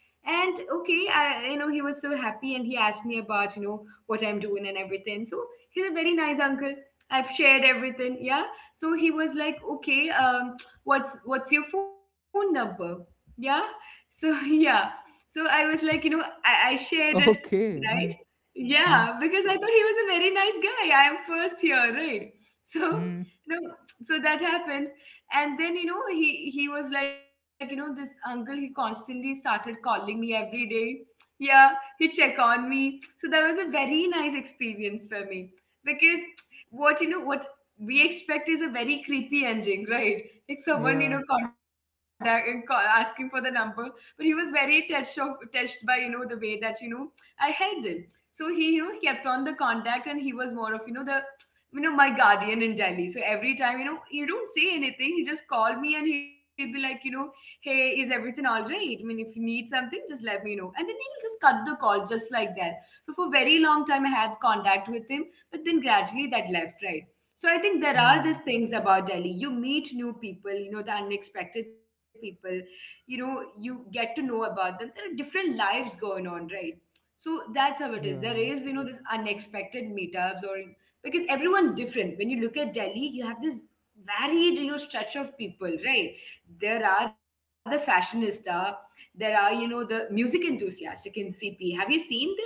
And okay I you know He was so happy and he asked me about what I'm doing and everything, so he's a very nice uncle. I've shared everything, yeah. So he was like, okay, what's your phone number. Yeah. So yeah, so I was like, I shared it. Okay. Right. Hmm. Hmm. Yeah, because I thought he was a very nice guy. I am first here, right? So, Hmm. you know so that happened. And then, you know he was like, you know, this uncle, he constantly started calling me every day. Yeah, he check on me, so that was a very nice experience for me. Because what, what we expect is a very creepy ending, right? Like Yeah. someone, you know, contact and call, asking for the number. But he was very touched by, you know, the way that, you know, I helped him. So he, kept on the contact, and he was more of, you know, the, you know, my guardian in Delhi. So every time, you know, he don't say anything, he just call me and he'll be like, you know, hey, is everything all right, I mean, if you need something just let me know. And then he'll just cut the call just like that. So for very long time I had contact with him, but then gradually that left, right? So I think there are Hmm. these things about Delhi: you meet new people, you know, the unexpected people, you know, you get to know about them. There are different lives going on, right? So that's how it is. There Yeah, is, you know, this unexpected meetups, or because everyone's different. When you look at Delhi, you have this varied, you know, stretch of people, right? There are the fashionista, there are, you know, the music enthusiastic in CP. Have you seen them?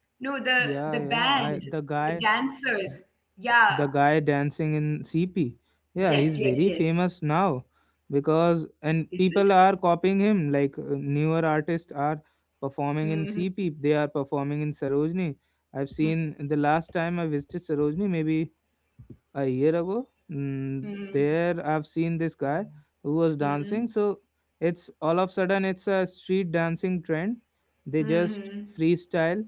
No, the yeah, yeah, band, I the the guy, dancers. Yeah. the guy dancing in CP. Yeah, he's Yes, very yes, yes. famous now because Is and it? people are copying him. Like newer artists are performing in Hmm CP. They are performing in Sarojini. I've hmm seen the last time I visited Sarojini, maybe a year ago. Mm, there, I've seen this guy who was dancing. hmm So it's all of a sudden it's a street dancing trend. They just hmm freestyle,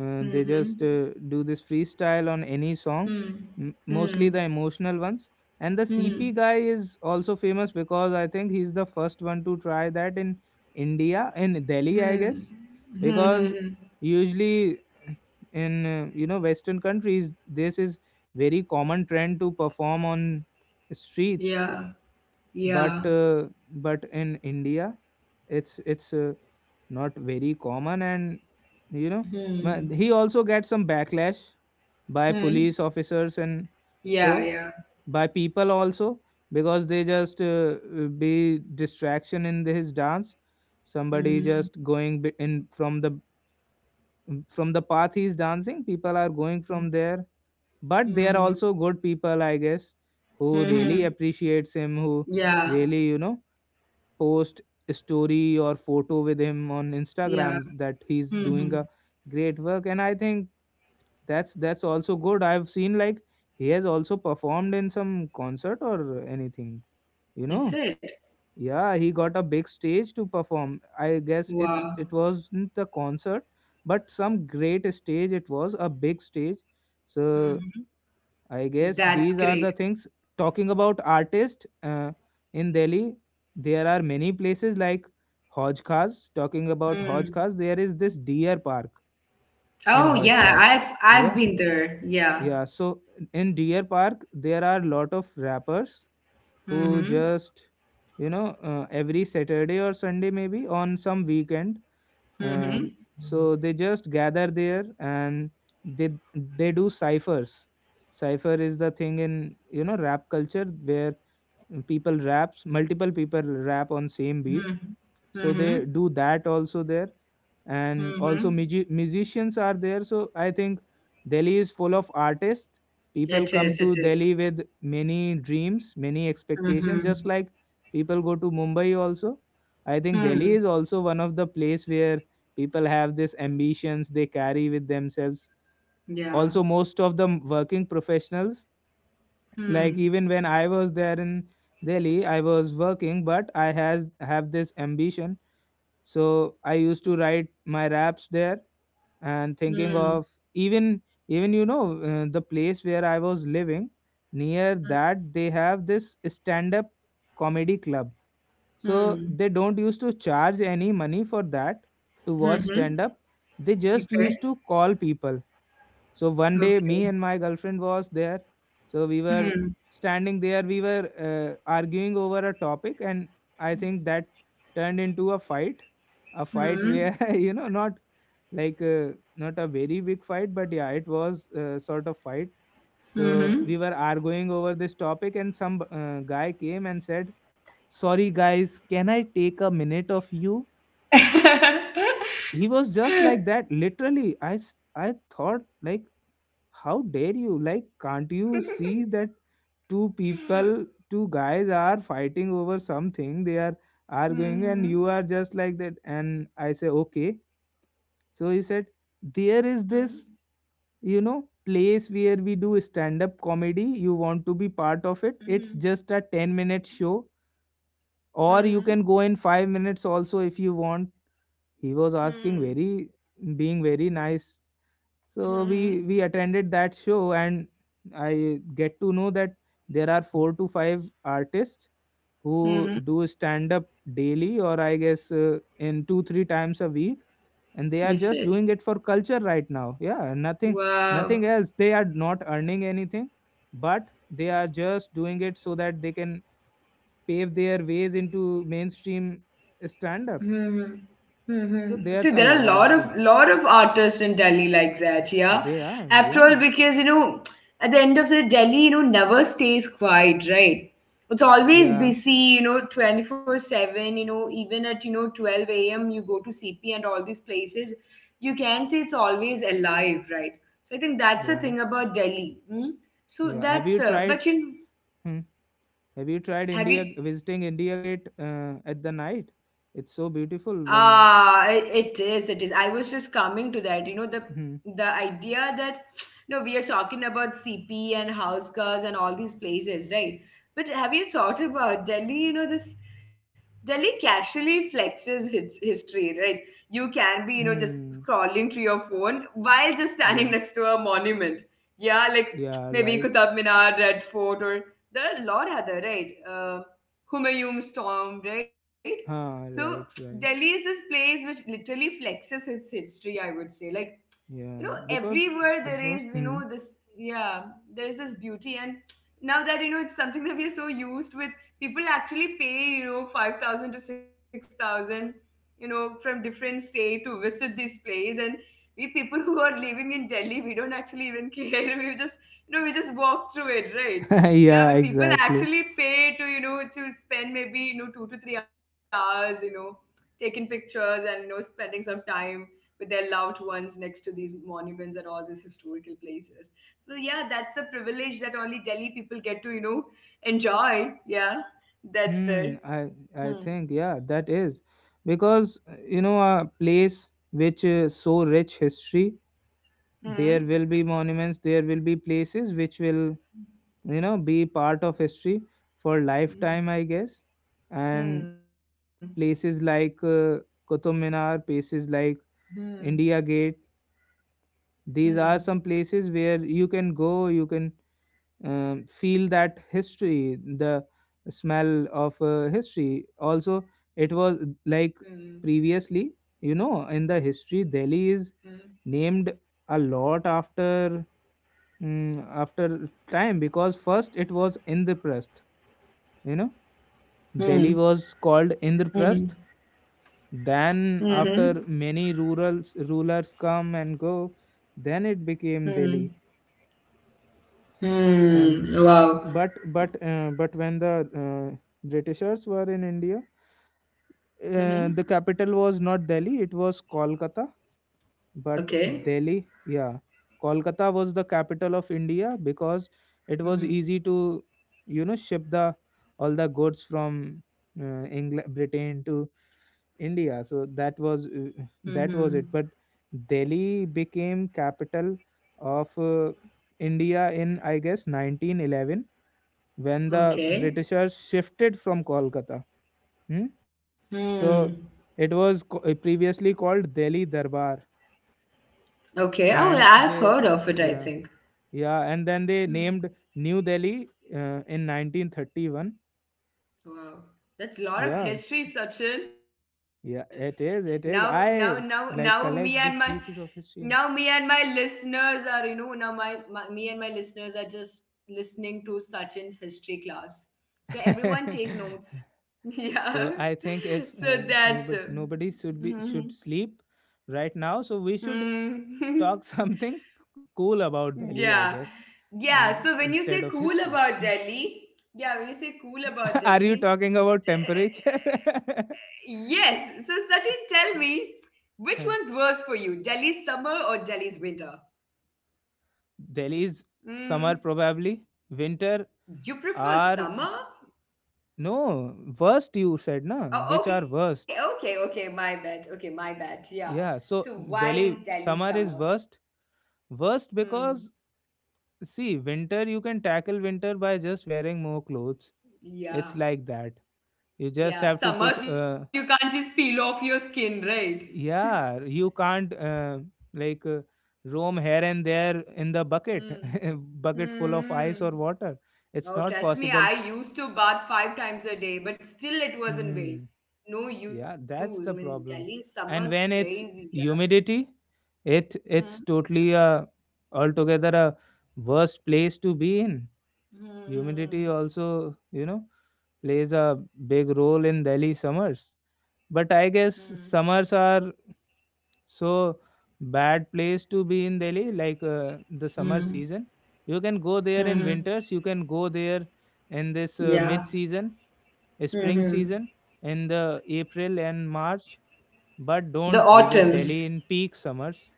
they hmm just hmm do this freestyle on any song, hmm mostly hmm the hmm emotional ones. And the hmm CP hmm guy is also famous because I think he's the first one to try that in India, in Delhi, I guess. hmm hmm, hmm, Because hmm, hmm. usually in you know, Western countries, this is very common trend to perform on streets, Yeah, but yeah. uh, but in India it's not very common. And you know, he Hmm. also gets some backlash by police Hmm. officers and so Yeah, yeah. by people also, because they just be distraction in his dance. Somebody just Mhm. going in from the path he's dancing, people are going from there. But they are also Mhm. good people, I guess, who really Mhm. appreciates him, who Yeah, really, you know, post a story or photo with him on Instagram yeah. that he's doing a Mhm. great work. And I think that's also good. I've seen like he has also performed in some concert or anything, you know. Is it? Yeah, he got a big stage to perform. I guess it's it Wow. wasn't the concert, but some great stage it was, a big stage. So Mhm. I guess these That's are the great. things. Talking about artists in Delhi, there are many places like Hoj Khas. Talking about Hoj Hmm. Khas, there is this deer park in Oh Hoj Khas. yeah, Yeah, I've been there. yeah. Yeah. So in deer park, there are lot of rappers who Mhm. just, you know, every Saturday or Sunday, maybe on some weekend, Mhm. so they just gather there, and they do ciphers. Cipher is the thing in, you know, rap culture where people raps, multiple people rap on same beat. Mhm. So they do Mhm. that also there, and also Mhm. Musicians are there. So I think Delhi is full of artists. People It come to is. It Delhi is. with many dreams, many expectations, just Mhm. like people go to Mumbai also. I think Delhi is Hmm. also one of the place where people have these ambitions they carry with themselves. Also Yeah. most of the working professionals, like Hmm. even when I was there in Delhi, I was working but I has have this ambition, so I used to write my raps there, and thinking of Hmm. even even the place where I was living, near that they have this stand up comedy club. So they Hmm. don't used to charge any money for that, to watch stand Mhm. up. They just used Okay. to call people. So one day, me and Okay. my girlfriend was there. So we were Hmm. standing there. We were arguing over a topic, and I think that turned into a fight. A fight Hmm. where you know, not like not a very big fight, but yeah, it was sort of fight. So we Mhm. were arguing over this topic, and some guy came and said, "Sorry, guys, can I take a minute of you?" He was just like that. Literally, I thought like, how dare you? Like, can't you see that two people, two guys are fighting over something? They are arguing, and you Mhm. are just like that. And I say, okay. So he said, there is this, Mhm. you know, place where we do stand up comedy. You want to be part of it? It's Mhm. just a 10-minute show, or you can Mhm. go in 5 minutes also if you want. He was asking Mhm. very, being very nice. So we Mhm. attended that show, and I get to know that there are four to five artists who Mhm. do stand up daily, or I guess in 2 3 times a week, and they are You just said doing it for culture right now, yeah, nothing, nothing wow. else. They are not earning anything, but they are just doing it so that they can pave their ways into mainstream stand up. hmm So See, there's a there are a lot lot of artists in Delhi like that, yeah. they are. After all, Yeah, because, you know, at the end of the day, Delhi, you know, never stays quiet, right? It's always yeah, busy, you know, 24/7, you know, even at, you know, 12 a.m. you go to CP and all these places, you can say it's always alive, right? So I think that's the yeah, thing about Delhi. Hmm? So yeah. Have that's, you but tried, you know, Hmm. Have you tried have you, India visiting India Gate at the night? It's so beautiful when. ah, it is, it is. I was just coming to that. You know, the Hmm. the idea that no, we are talking about CP and house cars and all these places, right? But have you thought about Delhi? You know, this Delhi casually flexes its history, right? You can be, you know, just Hmm. scrolling through your phone while just standing Yeah. next to a monument. Yeah, like Yeah. maybe Right. Qutub Minar, Red Fort, or there are a lot other, right? Humayun Storm, right? Huh. So Right. Delhi is Right. this place which literally flexes its history, I would say. Like, you know, Yeah. Because everywhere there it is, you was. know, Hmm. this, yeah, there is this beauty. And now that, you know, it's something that we are so used with, people actually pay, you know, 5,000 to 6,000, you know, from different state to visit this place. And we people who are living in Delhi, we don't actually even care. We just, you know, we just walk through it, right? Yeah, but Yeah. people Exactly. actually pay to, you know, to spend maybe, you know, 2 to 3 hours, you know, taking pictures and, you know, spending some time with their loved ones next to these monuments and all these historical places. So yeah, that's a privilege that only Delhi people get to, you know, enjoy, yeah. That's Hmm. the I. I hmm think. Yeah. That is because you know, a place which is so rich history. There hmm will be monuments. There will be places which will, you know, be part of history for lifetime, I hmm guess. And hmm places like Qutub Minar, places like India Gate. These are hmm some places where you can go, you can feel that history, the smell of history. Also, it was hmm like previously, you know, in the history, Delhi is named a lot after after time, because first it was Indraprasth, you know. hmm hmm Delhi was called hmm hmm Indraprasth. Then, hmm after many rulers come and go, then it became Delhi. hmm And hmm wow. but when the uh, Britishers were in India, hmm the capital was not Delhi; it was Kolkata. But Delhi, okay. yeah, Kolkata was the capital of India because it was easy hmm to, you know, ship the all the goods from England, Britain to India. So that was it. But hmm Delhi became capital of India in, I guess, 1911, when the Britishers okay. shifted from Kolkata. Hmm? hmm So it was previously called Delhi Darbar, Okay. and Oh, they, yeah, I've heard of yeah. it, I think. Yeah, and then they named Hmm. New Delhi in 1931. Wow. That's a Yeah, lot of history, Sachin. yeah, it Now, is, now, it is. now, now, I me and like my collect these pieces now of me and history. my listeners are you know now my me and my listeners are just listening to Sachin's history class. So everyone take notes. And Yeah. so I think if So that's nobody nobody should be mhm. should sleep right now, so we should talk Mm. something cool about Delhi, I guess, Yeah. in, Yeah. So instead when you of say history. cool Hmm. about Delhi, yeah, when you say cool Are you about talking Delhi, about temperature? yes. So Sachin, tell me, which one's worse for you, Delhi's summer or Delhi's winter? Delhi is summer Mm, probably. Winter you are, prefer summer? No, worst you said, na? Which are Oh, okay, worst? okay, okay. My bad. Okay, my bad. Yeah. Yeah, so So why Delhi is Delhi summer is summer? worst. Worst because, Hmm. see, winter you can tackle winter by just wearing more clothes. It's like Yeah. that. You just have to Yeah. put. Summers you can't just peel off your skin, right? Yeah, you can't like roam here and there in the bucket, Hmm. bucket full of ice Hmm. or water. It's Oh, not trust me, possible. I used to bath five times a day, but still it was not vain. Hmm. No use. Yeah, I mean, that's the Delhi problem. summer's And when crazy. Yeah. it's humidity, it Mm, it's totally a altogether a worst place to be in. Humidity mhm, also, you know, plays a big role in Delhi summers. But I mm, guess summers are so bad place to be in Delhi, like the summer mm, season. You can go there in mhm. winters. You can go there in this Yeah. mid season, spring Mhm. season, in the April and March, The but don't autumns. visit Delhi in peak summers.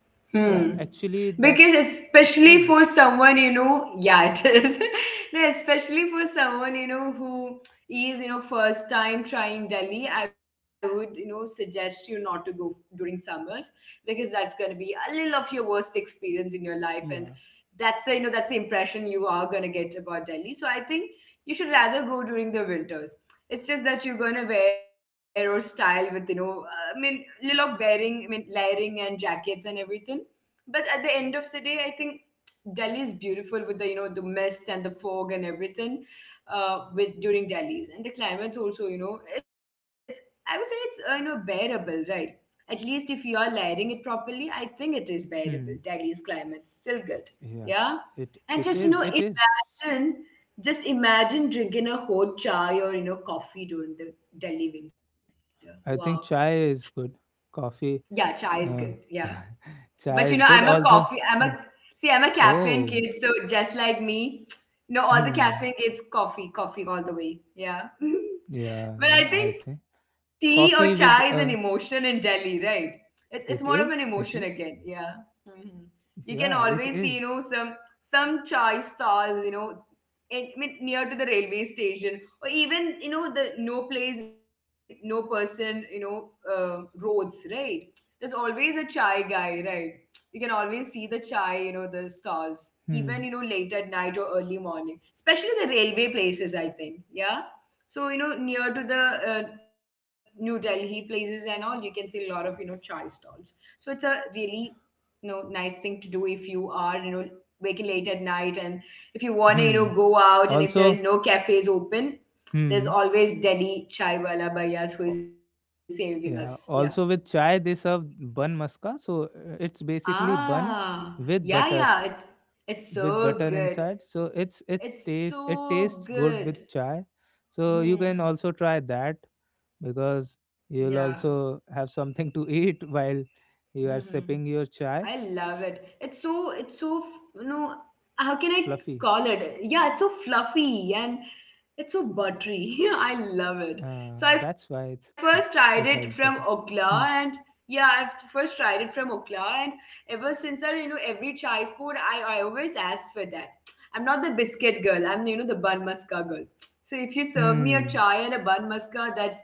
Hmm. Yeah, actually, Because that's especially for spring. someone, you know, yeah, it is. No, especially for someone, you know, who is, you know, first time trying Delhi, I would, you know, suggest you not to go during summers because that's going to be a little of your worst experience in your life. And Yeah. that's the, you know, that's the impression you are going to get about Delhi. So I think you should rather go during the winters. It's just that you're gonna wear or style with, you know, I mean, little of wearing, I mean, layering and jackets and everything. But at the end of the day, I think Delhi is beautiful with the, you know, the mist and the fog and everything. With during Delhi's and the climate's, also, you know, it's I would say it's, you know, bearable, right? At least if you are layering it properly, I think it is bearable. Hmm. Delhi's climate's still good, Yeah. yeah. And just, you know, It is. imagine just imagine drinking a hot chai or, you know, coffee during the Delhi winter. Wow. I think chai is good. Coffee. Yeah, chai is good. Uh, Yeah. But chai you is know, good I'm a also. coffee I'm Hmm. a see, I'm a caffeine Oh. kid, so just like me, you know, all the Hmm. caffeine kids, coffee, coffee all the way. Yeah. Yeah. Yeah. I think But I think tea or coffee with chai is an uh. emotion in Delhi, right? It's It more of an is. It is. emotion again. Yeah. hmm You Yeah. can It always is. see, you know, some chai stalls, you know, in, I mean, near to the railway station, or even, you know, the no place, no person, you know, uh, roads, right? There's always a chai guy, right? You can always see the chai, you know, the stalls, even, you know, Hmm. late at night or early morning, especially the railway places. I think, yeah, so, you know, near to the New Delhi places and all, you can see a lot of, you know, chai stalls. So it's a really, you know, nice thing to do if you are, you know, waking late at night and if you want to, you Hmm. know, go out, and if there Also. is no cafes open, there's Hmm. always Delhi chai wala bhaias who is saving us. Yeah. Yeah, also with chai they serve bun maska. So it's basically bun Ah, with yeah, butter, yeah. It's with so butter good. inside. So it's It's taste it so tastes good with good. chai. So you can Hmm. also try that, because Yeah. you'll also have something to eat while Hmm. you are Hmm. sipping your I chai. love it. It's so it's you know, how can I Fluffy. call it? Yeah, it's so fluffy and it's so buttery. Yeah, I love it. So I That's first why it's tried it from it has butter. Okla and Mm. yeah, I've first tried it from Okla, and ever since that, you know, every chai sport, I always ask for that. I'm not the biscuit girl. I'm, you know, the bun muska girl. So if you serve me a Mm. chai and a bun muska,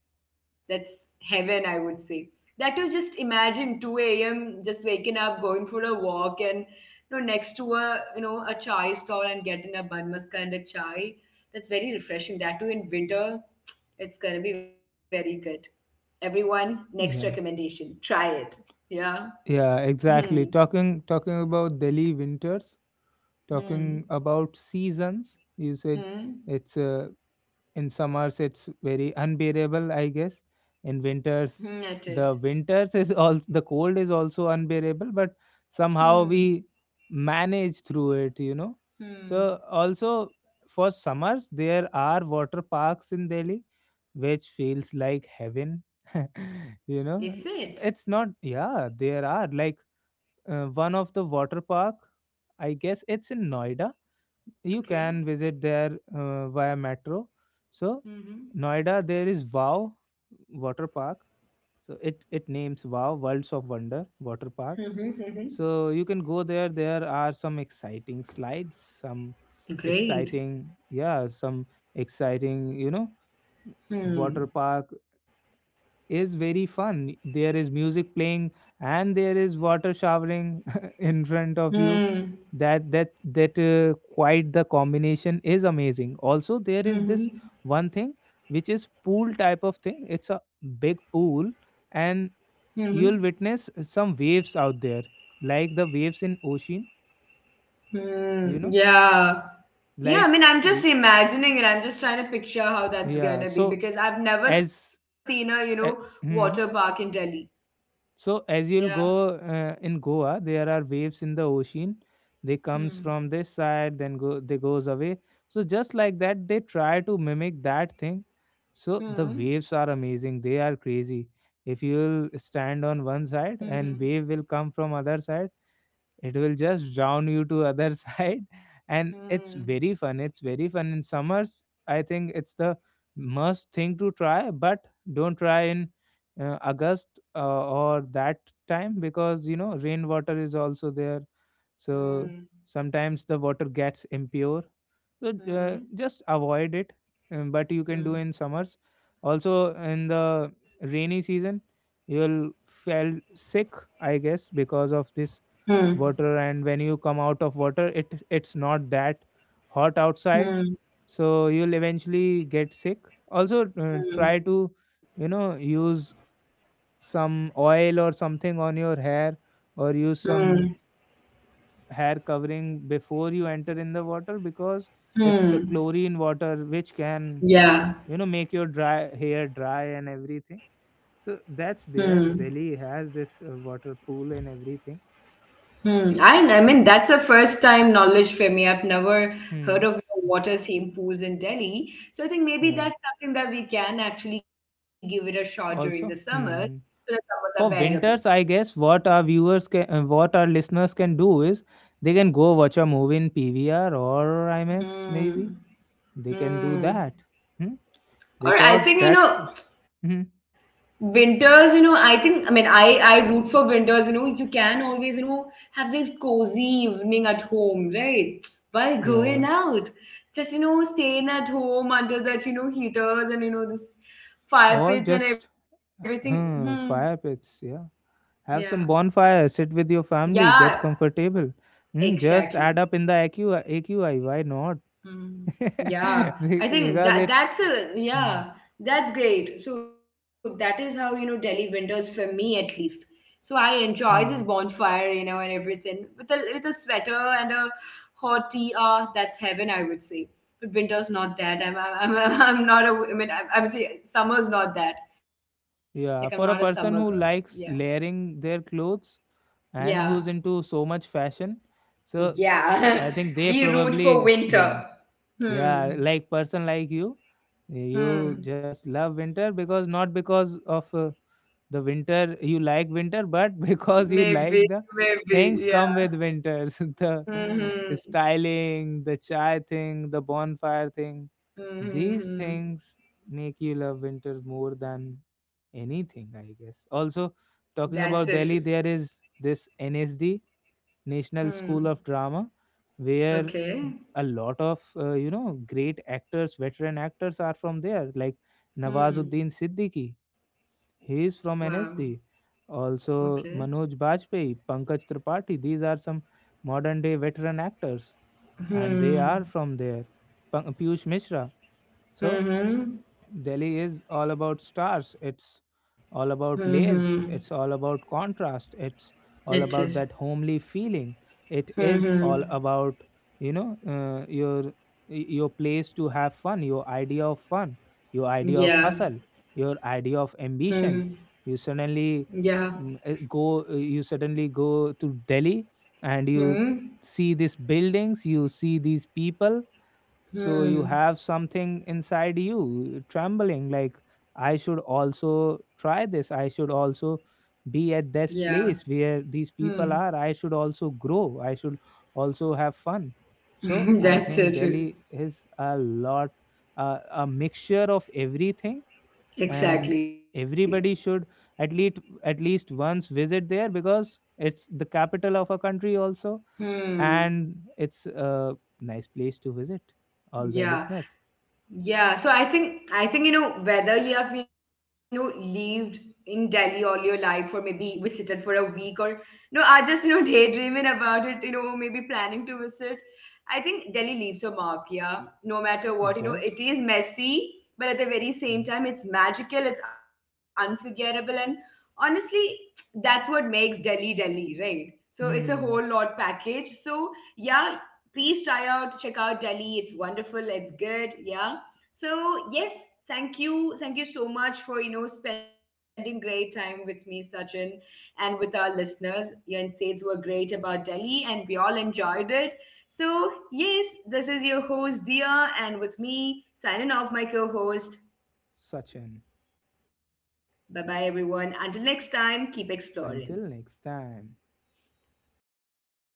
that's heaven, I would say. That You just imagine 2 a.m. just waking up, going for a walk, and you know, next to a, a chai stall, and getting a bun maska and a chai. That's very refreshing. That too in winter, it's gonna be very good. Everyone, next Yeah. recommendation, try it. Yeah. Yeah, Hmm. exactly. Talking, talking about Delhi winters. Talking Hmm. about seasons, you said Hmm. it's in summers it's very unbearable, I guess. In Hmm. It winters is. the winters is also the cold is also unbearable, but somehow Hmm. we manage through it, you know. So Hmm. also for summers, there are water parks in Delhi which feels like heaven. Is You it? know, it's not, yeah, there are like one of the water park, I guess it's in Noida. You Okay. can visit there via metro. So Mm-hmm. Noida there is wow water park, so it names wow worlds of wonder water park. Mm-hmm. So you can go there, there are some exciting slides, some Mm-hmm. Great. exciting, yeah, some exciting, you know, water Hmm. park is very fun. There is music playing and there is water showering in front of you. Hmm. That quite the combination is amazing. Also, there is this Mm-hmm. one thing which is pool type of thing. It's a big pool, and Mm-hmm. you'll witness some waves out there, like the waves in ocean. You Mm, know, yeah. Yeah, I like mean, I'm just l- imagining it. I'm just trying to picture how that's yeah. gonna be because I've never seen a, as you know, uh, water park in Delhi. So as Yeah. you'll go in Goa, there are waves in the ocean. They comes Hmm. from this side, then go they goes away. So just like that, they try to mimic that thing. So the Hmm. waves are amazing. They are crazy. If you'll Hmm. stand on one side and wave will come from other side, it will just drown you to other side, and it's Hmm. very fun it's very fun in summers. I think it's the must thing to try, but don't try in August or that time, because rainwater is also there. So Hmm. sometimes the water gets impure, so Hmm. just avoid it. But you can do Hmm. in summers. Also, in the rainy season you'll feel sick, I guess, because of this Hmm. water. And when you come out of water, it's not that hot outside, Hmm. so you'll eventually get sick. Also, Hmm. try to use some oil or something on your hair, or use Hmm. some hair covering before you enter in the water, because it's the Hmm. chlorine water which can Yeah. Make your dry hair dry and everything. So Hmm. that's there, Delhi has this water pool and everything. Hmm. I mean, that's a first time knowledge for me. I've never heard of Hmm. water theme pools in Delhi. So I think maybe Yeah. that's something that we can actually give it a shot during the summers Also, so that summers are for bearable. winters, I guess what our listeners can do is they can go watch a movie in PVR or IMAX maybe. Hmm. They can do Hmm. that. Hmm? Or I Because think, you know, that's. Hmm, winters, you know, I think I mean I root for winters. You know, you can always, you know, have this cozy evening at home, right, by going yeah. out, just, you know, staying at home under that, you know, heaters and, you know, this fire Or pits and just. everything. Hmm, fire pits, yeah. Yeah, Have some bonfire, sit with your family, yeah, get comfortable. Hmm? Just add up exactly. in the AQI, why not? Mm, yeah, I think Because that it's. that's a yeah, that's great. So that is how, you know, Delhi winters for me at least. So I enjoy this hmm. bonfire, you know, and everything with a sweater and a hot tea. Ah, that's heaven, I would say. But winter's not that. I'm not a. I mean, I'm saying summer's not that. Like I'm not a summer Yeah, girl. for a person Yeah, who likes layering their clothes and yeah, who's into so much fashion, so I yeah. think they We root for probably, yeah, winter. Hmm. yeah, like person like you Hmm. just love winter, because not because of the winter you like winter, but because you Maybe, like the maybe, things come yeah. with winters, the Mm-hmm. styling, the chai thing, the bonfire thing, Mm-hmm. these Mm-hmm. things make you love winter more than anything, I guess. Also, That's so talking true. about Delhi, there is this NSD, National School Hmm. of Drama, where Okay. a lot of great actors veteran actors are from there, like Hmm. Nawazuddin Siddiqui. He is Wow. from NSD. Also Okay. Manoj Bajpayee, Pankaj Tripathi, these are some modern day veteran actors, and they are Hmm. from there. Piyush Mishra. So Mm-hmm. Delhi is all about stars. It's all Mm-hmm. about layers. It's all about contrast. It's It all is. about that homely feeling. It is all Mm-hmm. about you know uh, your your place to have fun, your idea of fun, your idea of Yeah. hustle, your idea of Hmm. ambition. You Yeah. suddenly mm, go. You suddenly go to Delhi, and you Hmm. see these buildings. You see these people, so you Hmm. have something inside you trembling, like I should also try this, I should also be at this Yeah. place where these people Hmm. are, I should also grow, I should also have fun. So I That's so think true. Delhi is a mixture of everything, and Exactly. everybody should, at least at least once, visit there, because it's the capital of a country also, Hmm. and it's a nice place to visit, all the Yeah. listeners. Yeah, so I think you know, whether you have, you know, lived in Delhi all your life or maybe visited for a week or no, I just, you know, daydreaming about it, you know, maybe planning to visit. I think Delhi leaves a mark, yeah. No matter what, It you know, it does. is messy, but at the very same Yeah. time, it's magical, it's unforgettable, and honestly, that's what makes Delhi Delhi, right? So it's a whole hmm lot package. So yeah, please try out, check out Delhi. It's wonderful, it's good, yeah. So yes, thank you so much for, you know, spending great time with me, Sachin, and with our listeners. Your insights were great about Delhi, and we all enjoyed it. So yes, this is your host Dia, and with me signing off, my co-host. Sachin. Bye bye, everyone. Until next time, keep exploring. Until next time.